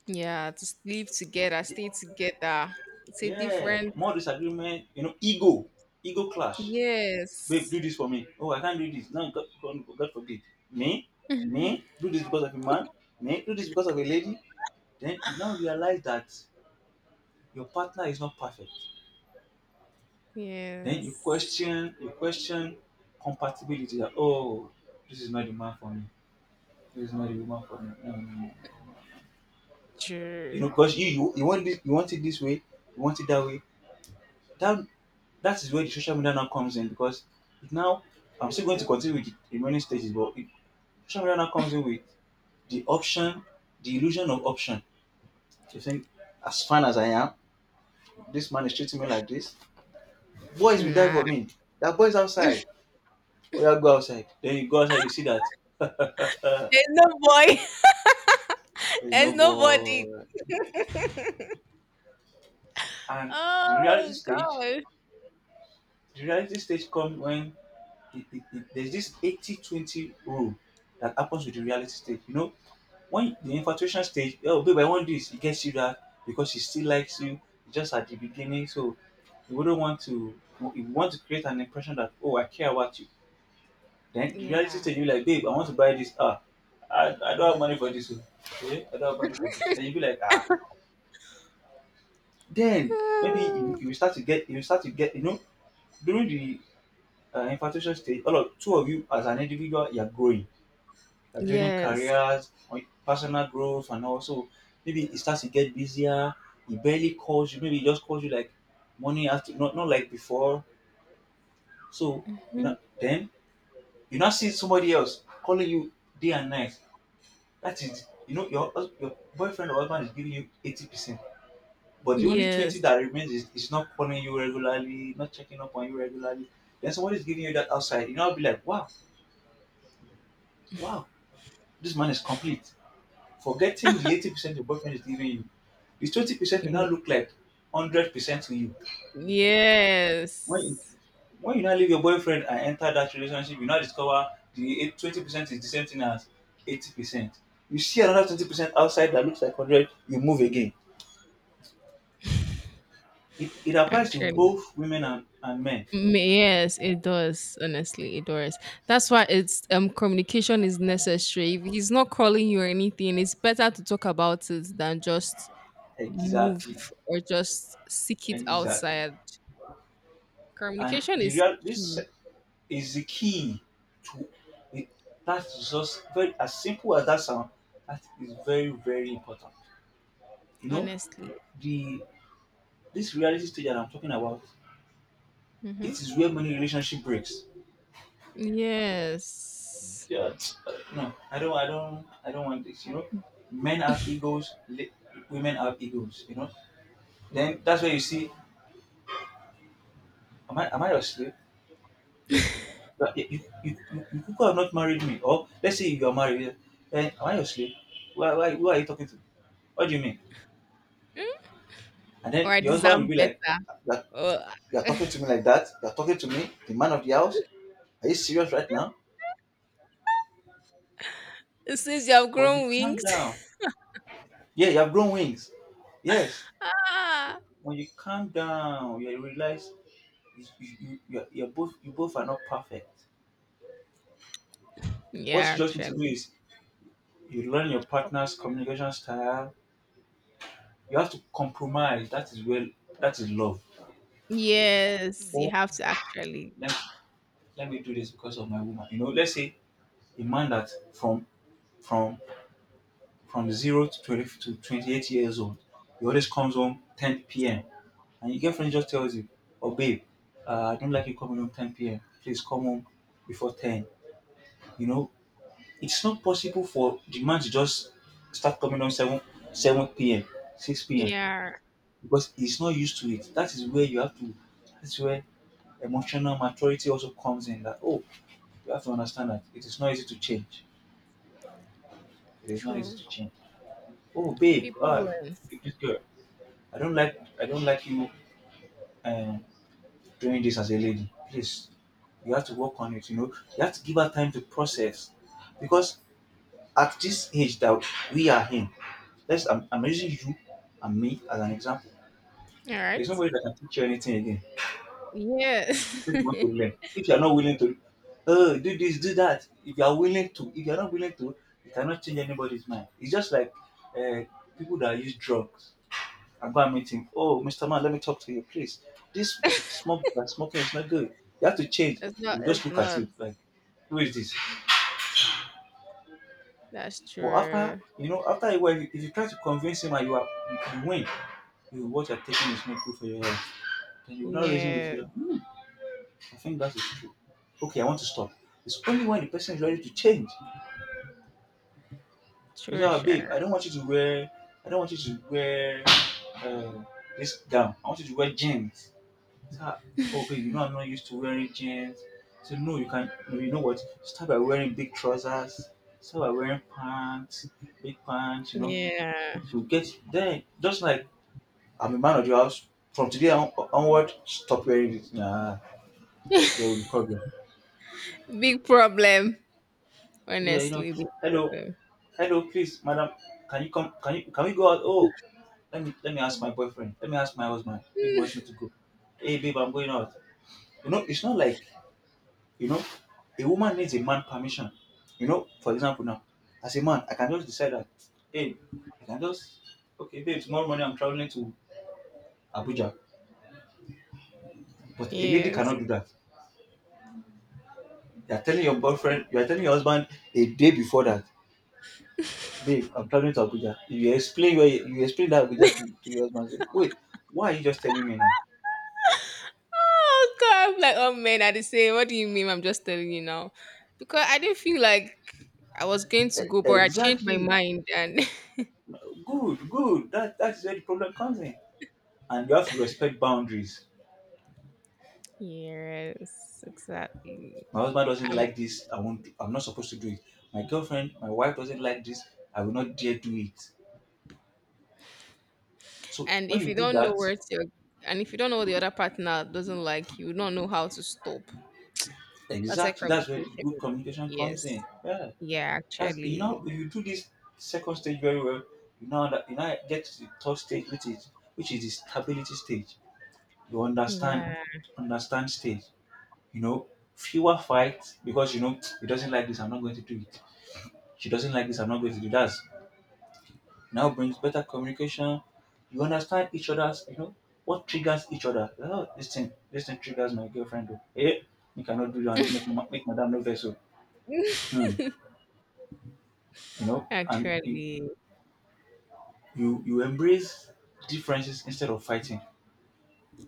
Yeah, to live together, The- stay together. It's a yeah, different. more disagreement, you know, ego, ego clash. Babe, Yes. do this for me. Oh, I can't do this. No, god, god, God forbid. me me (laughs) do this because of a man, me do this because of a lady. Then you now realize that your partner is not perfect. Then Yes. You question compatibility, that oh, this is not the man for me, this is not the woman for me, no, no, no, no. You know, True. because you want this, you want it this way, you want it that way. that that is where the social media now comes in because it now I'm still going to continue with the remaining stages, but social media now comes in with the option, the illusion of option. You think, as fine as I am, this man is treating me like this. Boys will die Nah. for me. There are boys outside. Oh yeah, go outside. Then you go outside, you see that There's no boy. (laughs) (laughs) there's no There's nobody. boy. And the reality Oh stage, God. the reality stage comes when there's this 80-20 rule that happens with the reality stage. You know, when the infatuation stage, oh, babe, I want this, it gets you that because she still likes you, just at the beginning. So, you wouldn't want to, you want to create an impression that, oh, I care about you. Then the reality Yeah. stage, (sighs) you're like, babe, I want to buy this. Ah, I don't have money for this. Oh. Okay, I don't have money for this. Then you'll be like, ah. Then maybe Ah, you will start to get, you know, during the infatuation stage, all of two of you as an individual, you're growing, like building yes. careers, or personal growth, and also maybe it starts to get busier. He barely calls you. Maybe he just calls you like morning after, not like before. So you Mhm. know, then you now see somebody else calling you day and night. That is, you know, your your boyfriend or husband is giving you 80%, but the only 20 Yes. that remains is not calling you regularly, not checking up on you regularly. Then somebody is giving you that outside. You know, I'll be like, wow, wow, this man is complete. Forgetting the (laughs) 80% your boyfriend is giving you, the 20% will now Mm, look like 100% to you. When you, yes. when you now leave your boyfriend and enter that relationship, you now discover the 20% is the same thing as 80%. You see another 20% outside that looks like 100, you move again. It applies to Actually. both women and men. Mm, yes, it does. Honestly, it does. That's why it's communication is necessary. If he's not calling you or anything, it's better to talk about it than just move Exactly. or just seek it Exactly. outside. And Communication the is real, this key, is the key to it. That's just very as simple as that sound. That is very very important. You know honestly. the this reality stage that I'm talking about. Mm-hmm. It is where many relationship breaks. Yes. Yeah, no, I don't want this. You know, men have egos, women have egos. You know, then that's where you see, am I your slave? But you, you could have not married me, or let's say you are married. Then am I your slave? Why, who are you talking to? What do you mean? Mm, And or then I the husband deserve will be like, better. you're, Oh, you're talking (laughs) to me like that. You're talking to me, the man of the house. Are you serious right now? since you have But if you grown calm wings. (laughs) down, yeah, you have grown wings. Yes. Ah. When you calm down, you realize you're both, you both are not perfect. Yeah, What you just need to do actually. is you learn your partner's communication style. You have to compromise. That is well, that is love. Yes, you Oh, have to actually. let, let me do this because of my woman. You know, let's say a man that from from 0 to 20, to 28 years old. He always comes home 10 p.m. And your girlfriend just tells you, oh, babe, I don't like you coming home 10 p.m. Please come home before 10. You know, it's not possible for the man to just start coming home 7 p.m., 6 p.m. Yeah, because he's not used to it. That is where you have to, that's where emotional maturity also comes in that, oh, you have to understand that it is not easy to change. It is not easy true. to change. Oh, babe, People learn. this girl. I don't like you um, doing this as a lady. Please, you have to work on it. You know, you have to give her time to process, because at this age that we are in, let's I'm using you and me as an example. All There's right. nobody that can teach you anything again. Yeah. Except you want (laughs) to learn. If you are not willing to, oh, do this, do that. If you are willing to, if you are not willing to, you cannot change anybody's mind. It's just like uh, people that use drugs. And go and meet him. Oh, Mr. Man, let me talk to you, please. This it's smoke, like, smoking is not good. You have to change. He not will just it's look at not. you like, who is this? That's But after, true. you know, after a while, if you try to convince him and you are, you win, you, what you're taking is not good for your health, then you will not reason with Yeah. you. Hmm, I think that is true. Okay, I want to stop. It's only when the person is ready to change. You say, Sure, ah, babe, sure. I don't want you to wear uh, this gown. I want you to wear jeans. So oh babe, you know I'm not used to wearing jeans. So no, you can no, you know what? Start by wearing big trousers, start by wearing pants, big pants, you know. Yeah. So get then just like I'm a man of the house. From today on, onward, stop wearing it. Nah, there will be problem. Big problem. Yeah, you know. Honestly, big Hello, problem. (sighs) hello, please, madam. Can you come? Can we go out? Oh, let me ask my boyfriend. Let me ask my husband if he wants me Mm, to go. Hey babe, I'm going out. You know, it's not like you know, a woman needs a man permission. You know, for example, now, as a man, I can just decide that, hey, I can just, okay, babe, tomorrow morning I'm traveling to Abuja. But a lady yes. cannot do that. You are telling your boyfriend, you are telling your husband a day before that, babe, I'm traveling to Abuja. You explain where you explain that Abuja to your husband. Say, wait, why are you just telling me now? Oh god, I'm like, oh man, I just say, what do you mean? I'm just telling you now. Because I didn't feel like I was going to go, but I changed my Exactly. mind and Good, good. That that's where the problem comes in. And you have to respect boundaries. (laughs) yes, exactly. My husband doesn't like this, I won't do, I'm not supposed to do it. My girlfriend, my wife doesn't like this, I will not dare do it. So And when if you you do don't know that, where to, and if you don't know what the other partner doesn't like, you would not know how to stop. That's why exactly, that's where the good communication. communication comes in, Yes. yeah. Yeah, That's, you know, actually. if you do this second stage very well, you know that you now get to the third stage, which is the stability stage, you understand, Yeah. understand stage, you know, fewer fights because you know he doesn't like this, I'm not going to do it, she doesn't like this, I'm not going to do that, now brings better communication. You understand each other's, you know, what triggers each other. Oh, this thing triggers my girlfriend. Oh, hey, you cannot do that. Make make madam no vessel. Hmm. (laughs) You know, and actually. you you embrace differences instead of fighting.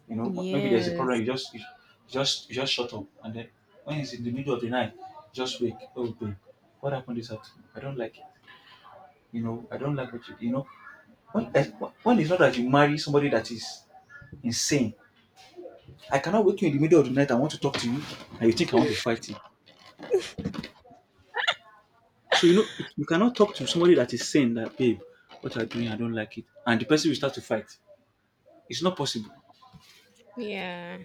You know, maybe there's a problem. Yes. You just you just you just shut up, and then when it's in the middle of the night, just wake. Oh, babe, what happened this afternoon? I don't like it. You know, I don't like what you. You know, when when it's not that you marry somebody that is insane, I cannot wake you in the middle of the night. I want to talk to you, and you think I want to fight you. So you know it, you cannot talk to somebody that is saying that, babe, what are you doing, I don't like it, and the person will start to fight. It's not possible. Yeah.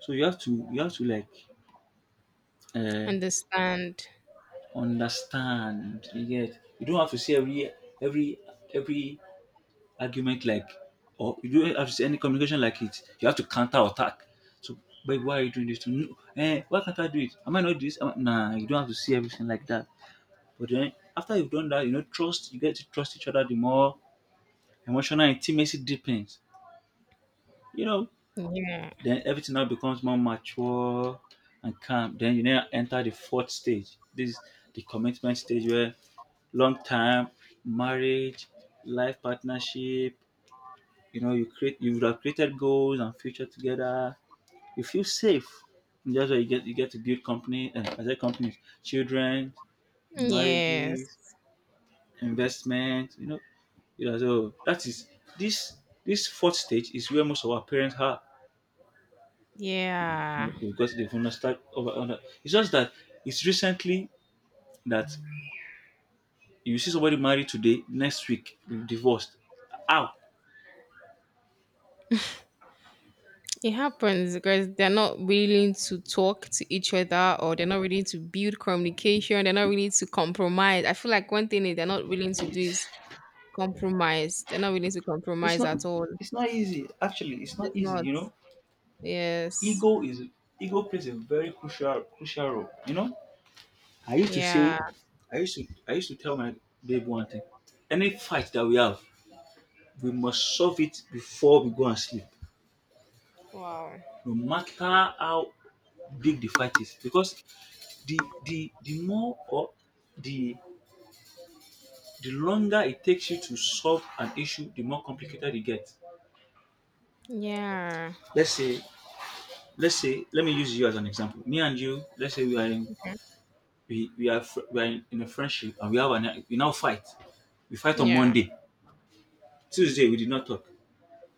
So you have to like uh, Understand. understand. You get. You don't have to say every every argument like, or you don't have to say any communication like it. You have to counter attack. So, babe, why are you doing this to me? No, eh, why can't I do it? Am I not this? Am I? Nah, you don't have to say everything like that. But then after you've done that, you know, trust, you get to trust each other the more emotional intimacy deepens. You know, Yeah. then everything now becomes more mature and calm. Then you now enter the fourth stage. This is the commitment stage where long time marriage, life partnership, you know, you would have created goals and future together. You feel safe. And that's why you get to build company as a company, children, Yes. marriages, investment, you know, you know, so that is this this fourth stage is where most of our parents are. You Yeah. know, they've understood over under. It's just that it's recently that you see somebody married today, next week they're divorced. How? It happens because they're not willing to talk to each other or they're not willing to build communication. They're not willing to compromise. I feel like one thing is they're not willing to do is compromise. They're not willing to It's compromise not at all. it's not easy. Actually, it's not It's easy. not. You know, Yes. ego is ego plays a very crucial role. You know, I used to say, Yeah. I used to tell my babe one thing. Any fight that we have, we must solve it before we go and sleep. Wow. No matter how big the fight is, because the more or the the longer it takes you to solve an issue, the more complicated it gets. Yeah. Let's say let me use you as an example. Me and you, let's say Okay. We are in a friendship and we have an we now fight. We fight on Yeah. Monday. Tuesday we did not talk.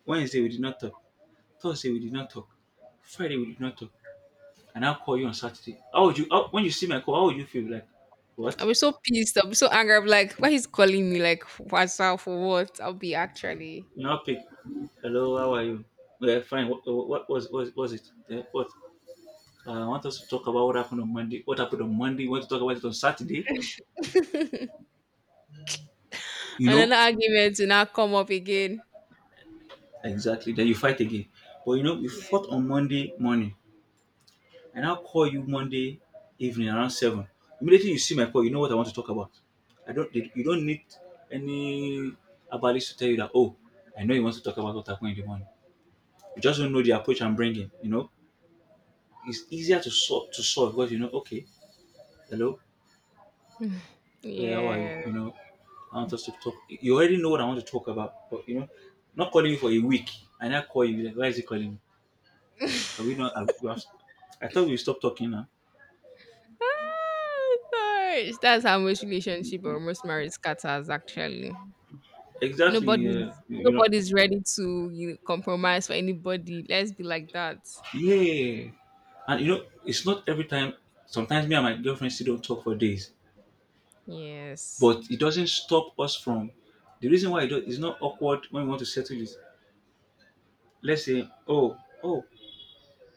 Wednesday we did not talk. Thursday we did not talk. Friday we did not talk. And I'll call you on Saturday. How would you how, when you see my call, how would you feel like? What? I'll be so pissed. I'll be so angry. I'll be like, why he's calling me like what's up for what? I'll be actually. Now pick. Hello, how are you? Yeah, fine. What, was it? Yeah. What? I want us to talk about what happened on Monday. What happened on Monday? You want to talk about it on Saturday? (laughs) You know, Another argument will now come up again. exactly. Then you fight again. But you know we Yeah. fought on Monday morning, and I'll call you Monday evening around 7. Immediately you see my call, you know what I want to talk about. I don't. You don't need any abalis to tell you that. Oh, I know you want to talk about what happened in the morning. You just don't know the approach I'm bringing. You know, it's easier to solve because you know. Okay, hello. (sighs) Yeah, how are you? Yeah. You know, I want us to talk. You already know what I want to talk about, but you know, not calling you for a week, and I call you. Like, why is he calling me? Are we (laughs) not? We have? I thought we stopped talking now. Ah, gosh. That's how most relationship or most marriage scatters actually. Exactly. Yeah. Nobody's You know. nobody's ready to, you know, compromise for anybody. Let's be like that. Yeah. And you know, it's not every time. Sometimes me and my girlfriend still don't talk for days, Yes. but it doesn't stop us from. The reason why, it's not awkward when we want to settle is, let's say, oh,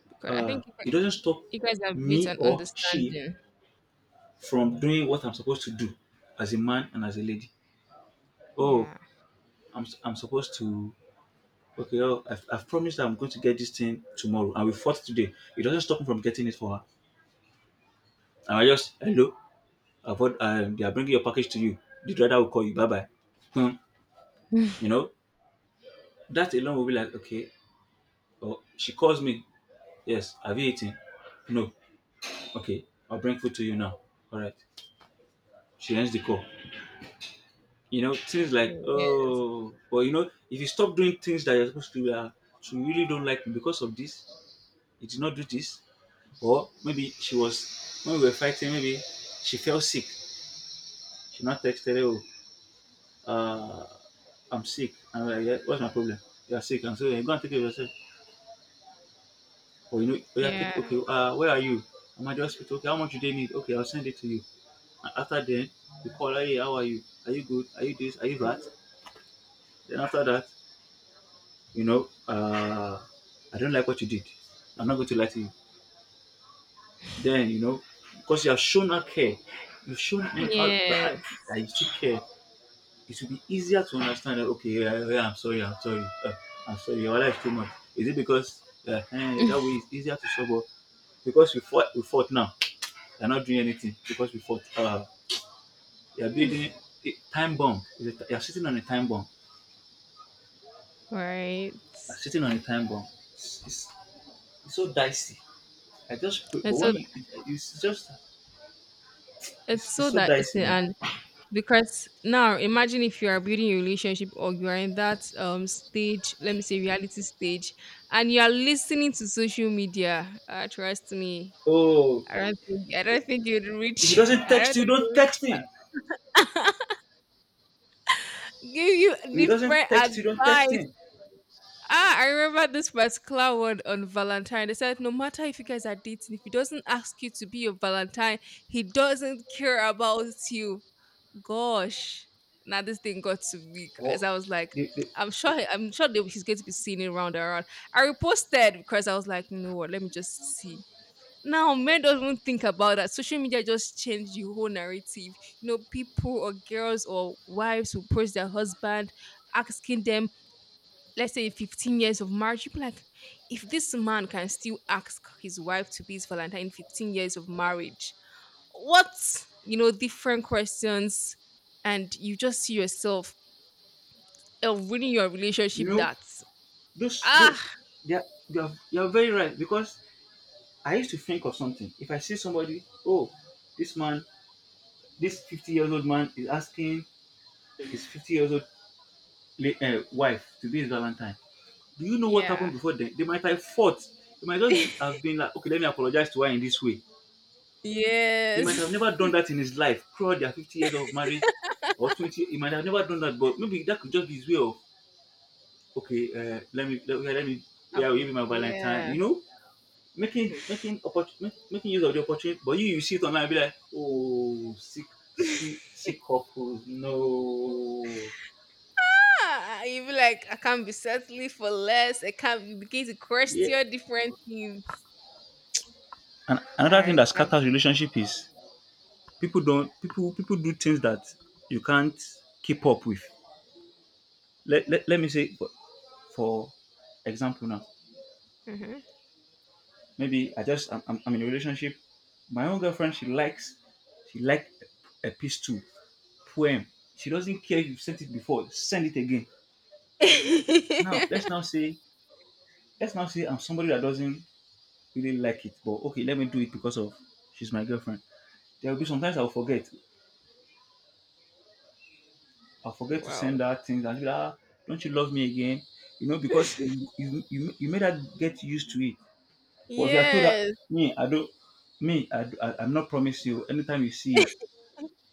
Because I think it doesn't stop you guys have built me an or she understanding. from doing what I'm supposed to do as a man and as a lady. Oh, Yeah. I'm supposed to. Okay, I've promised that I'm going to get this thing tomorrow, and we fought today. It doesn't stop me from getting it for her. And I just hello, they are bringing your package to you. The driver will call you. Bye bye. Hmm. (laughs) You know, that alone will be like okay. Oh, she calls me. Yes, have you eaten? No. Okay, I'll bring food to you now. All right. She ends the call. You know, things like Yes. oh, but you know, if you stop doing things that you're supposed to do, she really don't like me because of this. You did not do this, or maybe she was when we were fighting. Maybe she fell sick. She not texted. Oh, uh, I'm sick. And I'm like, yeah, what's my problem? You're sick. And so you go and take it yourself. Or you know, oh, yeah, take Yeah. okay. Where are you? I'm at the hospital. Okay, how much do they need? Okay, I'll send it to you. And after then, you call her. Hey, how are you? Are you good? Are you this? Are you that? Then after that, you know, uh, I don't like what you did. I'm not going to lie to you. Then, you know, because you have shown her care, you've shown him how that I, Yes. that you still care, it will be easier to understand that, okay, yeah, yeah, yeah, I'm sorry, your life is too much. Is it because that way (laughs) it's easier to solve? Or because we fought now, you're not doing anything because we fought. You're building a time bomb. You're sitting on a time bomb. Right. You're sitting on a time bomb. It's, it's, it's so dicey. I just pray, but And so it's just it's it's so so that it's dicey, man. and because now imagine if you are building a relationship or you are in that stage, let me say reality stage, and you are listening to social media. Trust me, Oh, I don't think you'd if he reach. (laughs) doesn't I text don't you, think you don't would text him. (laughs) give you If he doesn't different text you, don't text advice. him. Ah, I remember this particular one on Valentine. They said no matter if you guys are dating, if he doesn't ask you to be your Valentine, he doesn't care about you. Gosh, now this thing got to me Or as I was like, they, they, I'm sure that he's going to be seeing it round and round. I reposted because I was like, you know what? Let me just see. Now men don't think about that. Social media just changed the whole narrative. You know, people or girls or wives who approach their husband, asking them, let's say, 15 years of marriage. People like, if this man can still ask his wife to be his Valentine in 15 years of marriage, what, you know, different questions. And you just see yourself ruining your you relationship. know, That's those ah, they are, they are you are very right because I used to think of something. If I see somebody, oh, this man, this 50 years old man is asking his 50 years old wife to be his Valentine. Do you know what happened yeah. before then? They might have fought. They might just have been like, okay, let me apologize to her in this way. (laughs) He might have never Yes. done that in his life throughout their 50 years of marriage or 20. He might have never done that, but maybe that could just be his way of, okay, let me, (laughs) yeah, I'll give you my Valentine, Yeah. you know, making, making, oppor- making use of the opportunity. But you see it online and be like, oh, sick couples, no. Ah, you be like, I can't be settling for less. I can't. You begin to Yeah. question different things. And All another thing right. that scatters relationship is people don't, people, people do things that you can't keep up with. Let me say, for example now, Mhm. maybe I just I'm in a relationship. My own girlfriend she likes she liked a piece too poem. She doesn't care if you sent it before, send it again. Now (laughs) let's now say I'm somebody that doesn't really like it, but okay, let me do it because of she's my girlfriend. There will be sometimes I'll forget. I'll forget to send Wow. her things and she'll be like, ah, don't you love me again? You know, because you made her get used to it. But if you are told that Yes. me, I don't me, I'm not promise you anytime you see it,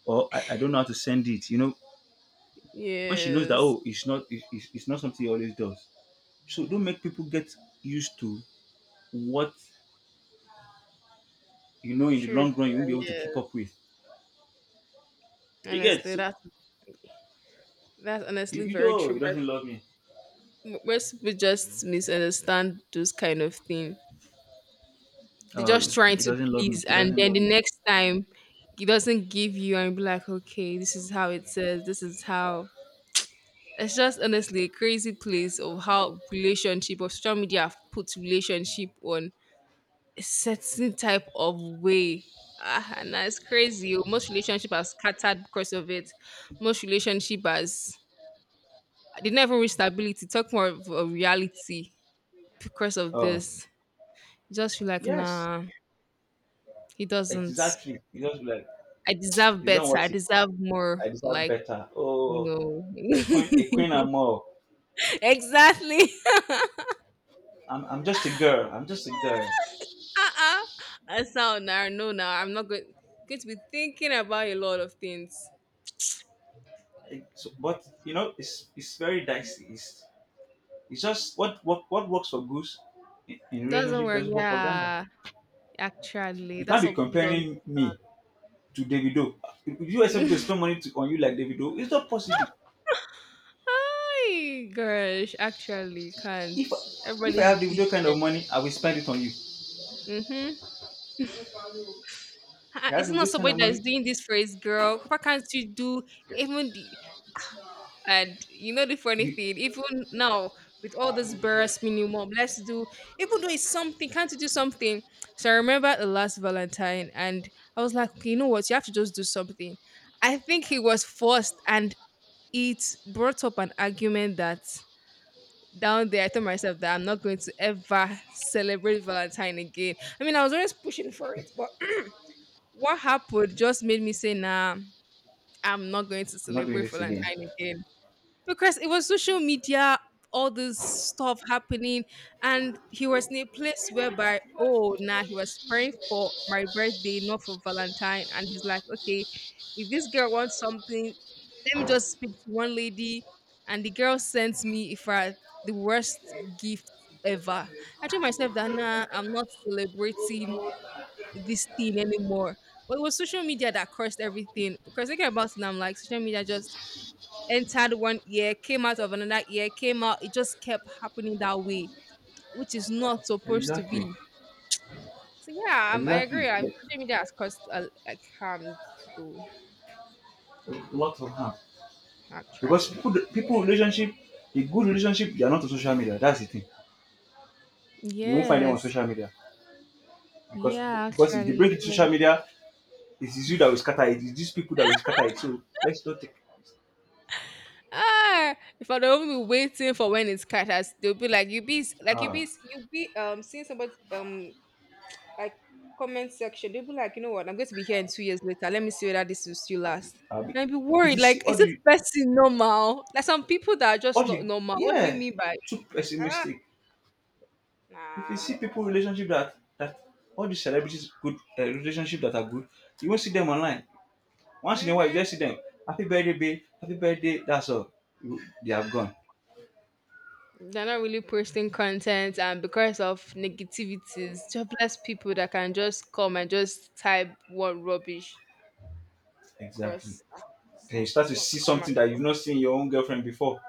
or I don't know how to send it. You know, when she knows that Yes. oh, it's not something he always does. So don't make people get used to what you know in the True. long Sure, run you won't be able to keep yes. up with. You get Honestly, so that's you, honestly you very know true. he 'Cause doesn't love me. Most people just misunderstand those kind of thing. They're just trying to please, He and doesn't then love the me. next time it doesn't give you, and be like, okay, this is how it says. This is how. It's just honestly a crazy place of how relationship or social media have put relationship on a certain type of way. Ah, and that's crazy. Oh. Most relationship are scattered because of it. Most relationship has, they never reach stability. Talk more of a reality because of Oh, this. Just feel like yes, nah, he doesn't. exactly. You just be like, I deserve it's not better. I worth it. deserve more. I deserve Like better. you Oh, a a queen know, and more. (laughs) exactly. I'm just a girl. I'm just a girl. Uh-uh. And so now, no, now I'm not going to be thinking about a lot of things. So, but you know, it's very dicey. It's just what works for Goose in Doesn't relationship work. doesn't work for Gander. Yeah, actually, You can't that's be what people don't. comparing me to Davido. Would you expect me to spend (laughs) money on you like Davido? It's not possible. Ay, gosh, actually, you can't. If if I Everybody's have Davido kind of different. money, I will spend it on you. If Mm-hmm. I Ah, have it's not Davido's kind somebody of that money, is doing this for his girl. Why can't you do even the, and you know the funny you- thing, even now with all this barest minimum, let's do, even though it's something, can't you do something? So I remember the last Valentine, and I was like, okay, you know what, you have to just do something. I think he was forced, and it brought up an argument that down there I told myself that I'm not going to ever celebrate Valentine again. I mean, I was always pushing for it, but (clears throat) what happened just made me say, nah, I'm not going to I'm not doing celebrate this again. Valentine again, because it was social media, all this stuff happening. And he was in a place whereby, oh nah, he was praying for my birthday, not for Valentine. And he's like, okay, if this girl wants something, let me just speak to one lady. And the girl sent me, if I, the worst gift ever. I told myself that nah, I'm not celebrating this thing anymore. But it was social media that cursed everything, because thinking about it now, I'm like, social media just entered one ear, came out of another ear, came out. It just kept happening that way, which is not supposed to Exactly. be. So yeah, I Exactly. agree. Social media has caused a, like, harm to do Lots of harm. Because actually. People relationship, a good relationship, they are not on social media. That's the thing. You won't find them on Yes. social media because Yeah, because if they actually, it bring it to social would. media, it is you that will scatter it. It is these people that will scatter it. So let's not take. Ah, if I don't be waiting for when it's cut, as they'll be like, you be like Ah, you be seeing somebody like comment section. They'll be like, you know what, I'm going to be here in 2 years later. Let me see whether this will still last. Abi. And I'd be If worried, you like, see is this person normal? Like some people that are just all not the, normal. What do you yeah, mean by too ah pessimistic. If you see nah? people relationship that that all the celebrities good relationship that are good, you won't see them online. Once in a while, you Mm-hmm. just see them. Happy birthday, babe. Happy birthday. That's all. They have gone. They're not really posting content, and because of negativities, jobless people that can just come and just type one rubbish. Of. Exactly. Because ah, it's Then you not, start it's to not see karma something that you've though. not seen your own girlfriend before.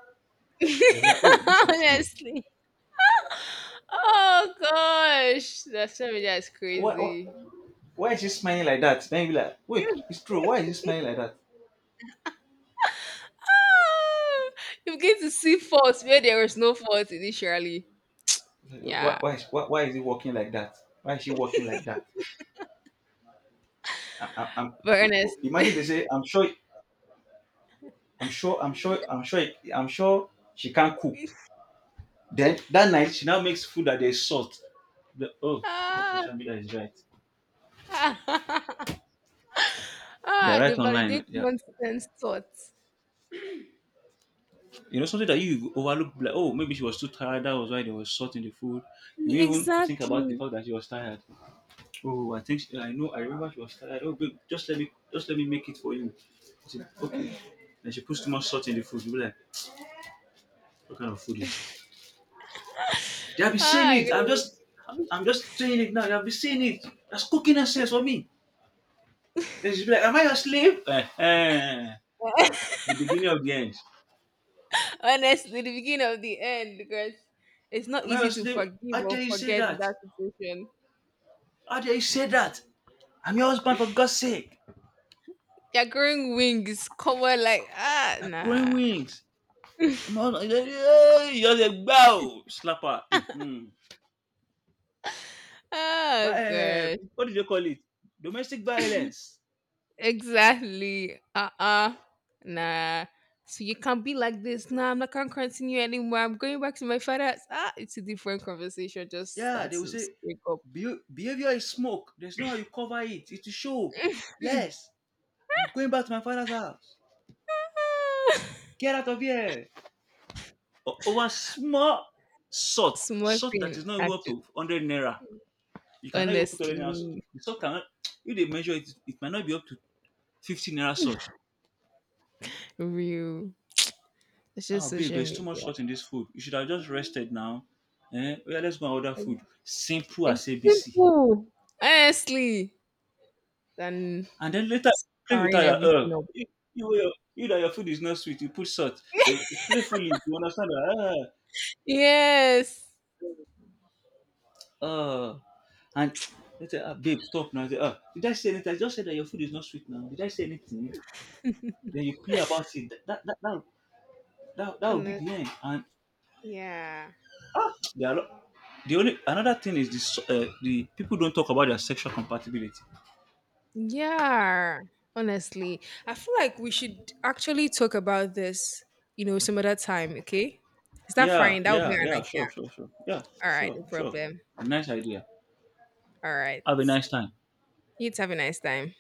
You'll be like, oh, (laughs) this is true. Honestly. Oh gosh, the social media is Why, why, crazy. why is she smiling like that? Then you'll be like, wait, it's true. Why is she smiling like that? (laughs) You begin to see faults where there was no fault initially. Yeah, Why is he walking like that? Why is she walking like that? I, am very honest. imagine they say, I'm sure, I'm sure, I'm sure, I'm sure she can't cook. (laughs) Then that night, she now makes food that they salt. The- oh, Ah, social media is right. (laughs) They are ah, they right online. validate Yeah, nonsense thoughts. you know something that you overlook. Like, oh, maybe she was too tired. That was why they was salt in the food. You Yeah, didn't even think about the exactly. fact that she was tired. Oh, I know. I remember she was tired. Oh, babe, just let me make it for you. I said, okay. (laughs) And she puts too much salt in the food. Be like, what kind of food is this? They have been saying Ah, I it. got it. I'm just saying it now. They have been saying it. That's cooking essence for me. Then she's like, am I a slave? The beginning of the end. (laughs) Honestly, the beginning of the end, because it's not Am I a easy to slave? forgive How or dare you say forget in that? that situation. How dare you say that? I'm your husband for God's sake. You're growing wings, cover like ah Like growing nah. wings. I'm your husband. Hey, you're the bow slapper. Mhm. (laughs) But Oh gosh. what do they call it? Domestic violence. Exactly. Uh-uh. Nah. So you can't be like this. Nah, I'm not gonna continue anymore. I'm going back to my father's. Ah, it's a different conversation. Just Yeah, start they will to say, speak up. Behavior is smoke. There's no how you cover it. It will show." Yes, I'm going back to my father's house. (laughs) Get out of here. Over small Small salt that thing, is not even up actually. to 100 naira. You cannot even put 100 naira salt. Honestly, The salt cannot, if they measure it, it might not be up to 15 naira salt. real. It's just Oh, babe, social there's too much media. salt in this food. You should have just rested now. Eh? Oh, yeah, let's go and order Ex- food. Simple It's as ABC. simple. Honestly, than And then later play with her. starring That, everything up. you, you, your- You that your food is not sweet, you put salt. They playfully, you understand that? Yes. Ah, and they say, ah, babe, stop now. I say, ah, did I say anything? I just said that your food is not sweet now. Did I say anything? Then you play about it. That will be the end. Honestly, And yeah. ah, the only another thing is this: the people don't talk about their sexual compatibility. Yeah, honestly, I feel like we should actually talk about this, you know, some other time, okay? Is that Yeah, fine? That would yeah, be our yeah. next, yeah. Sure, sure, sure. Yeah, All right, sure, no sure. problem. Nice idea. All right. Have a nice time. You would have a nice time.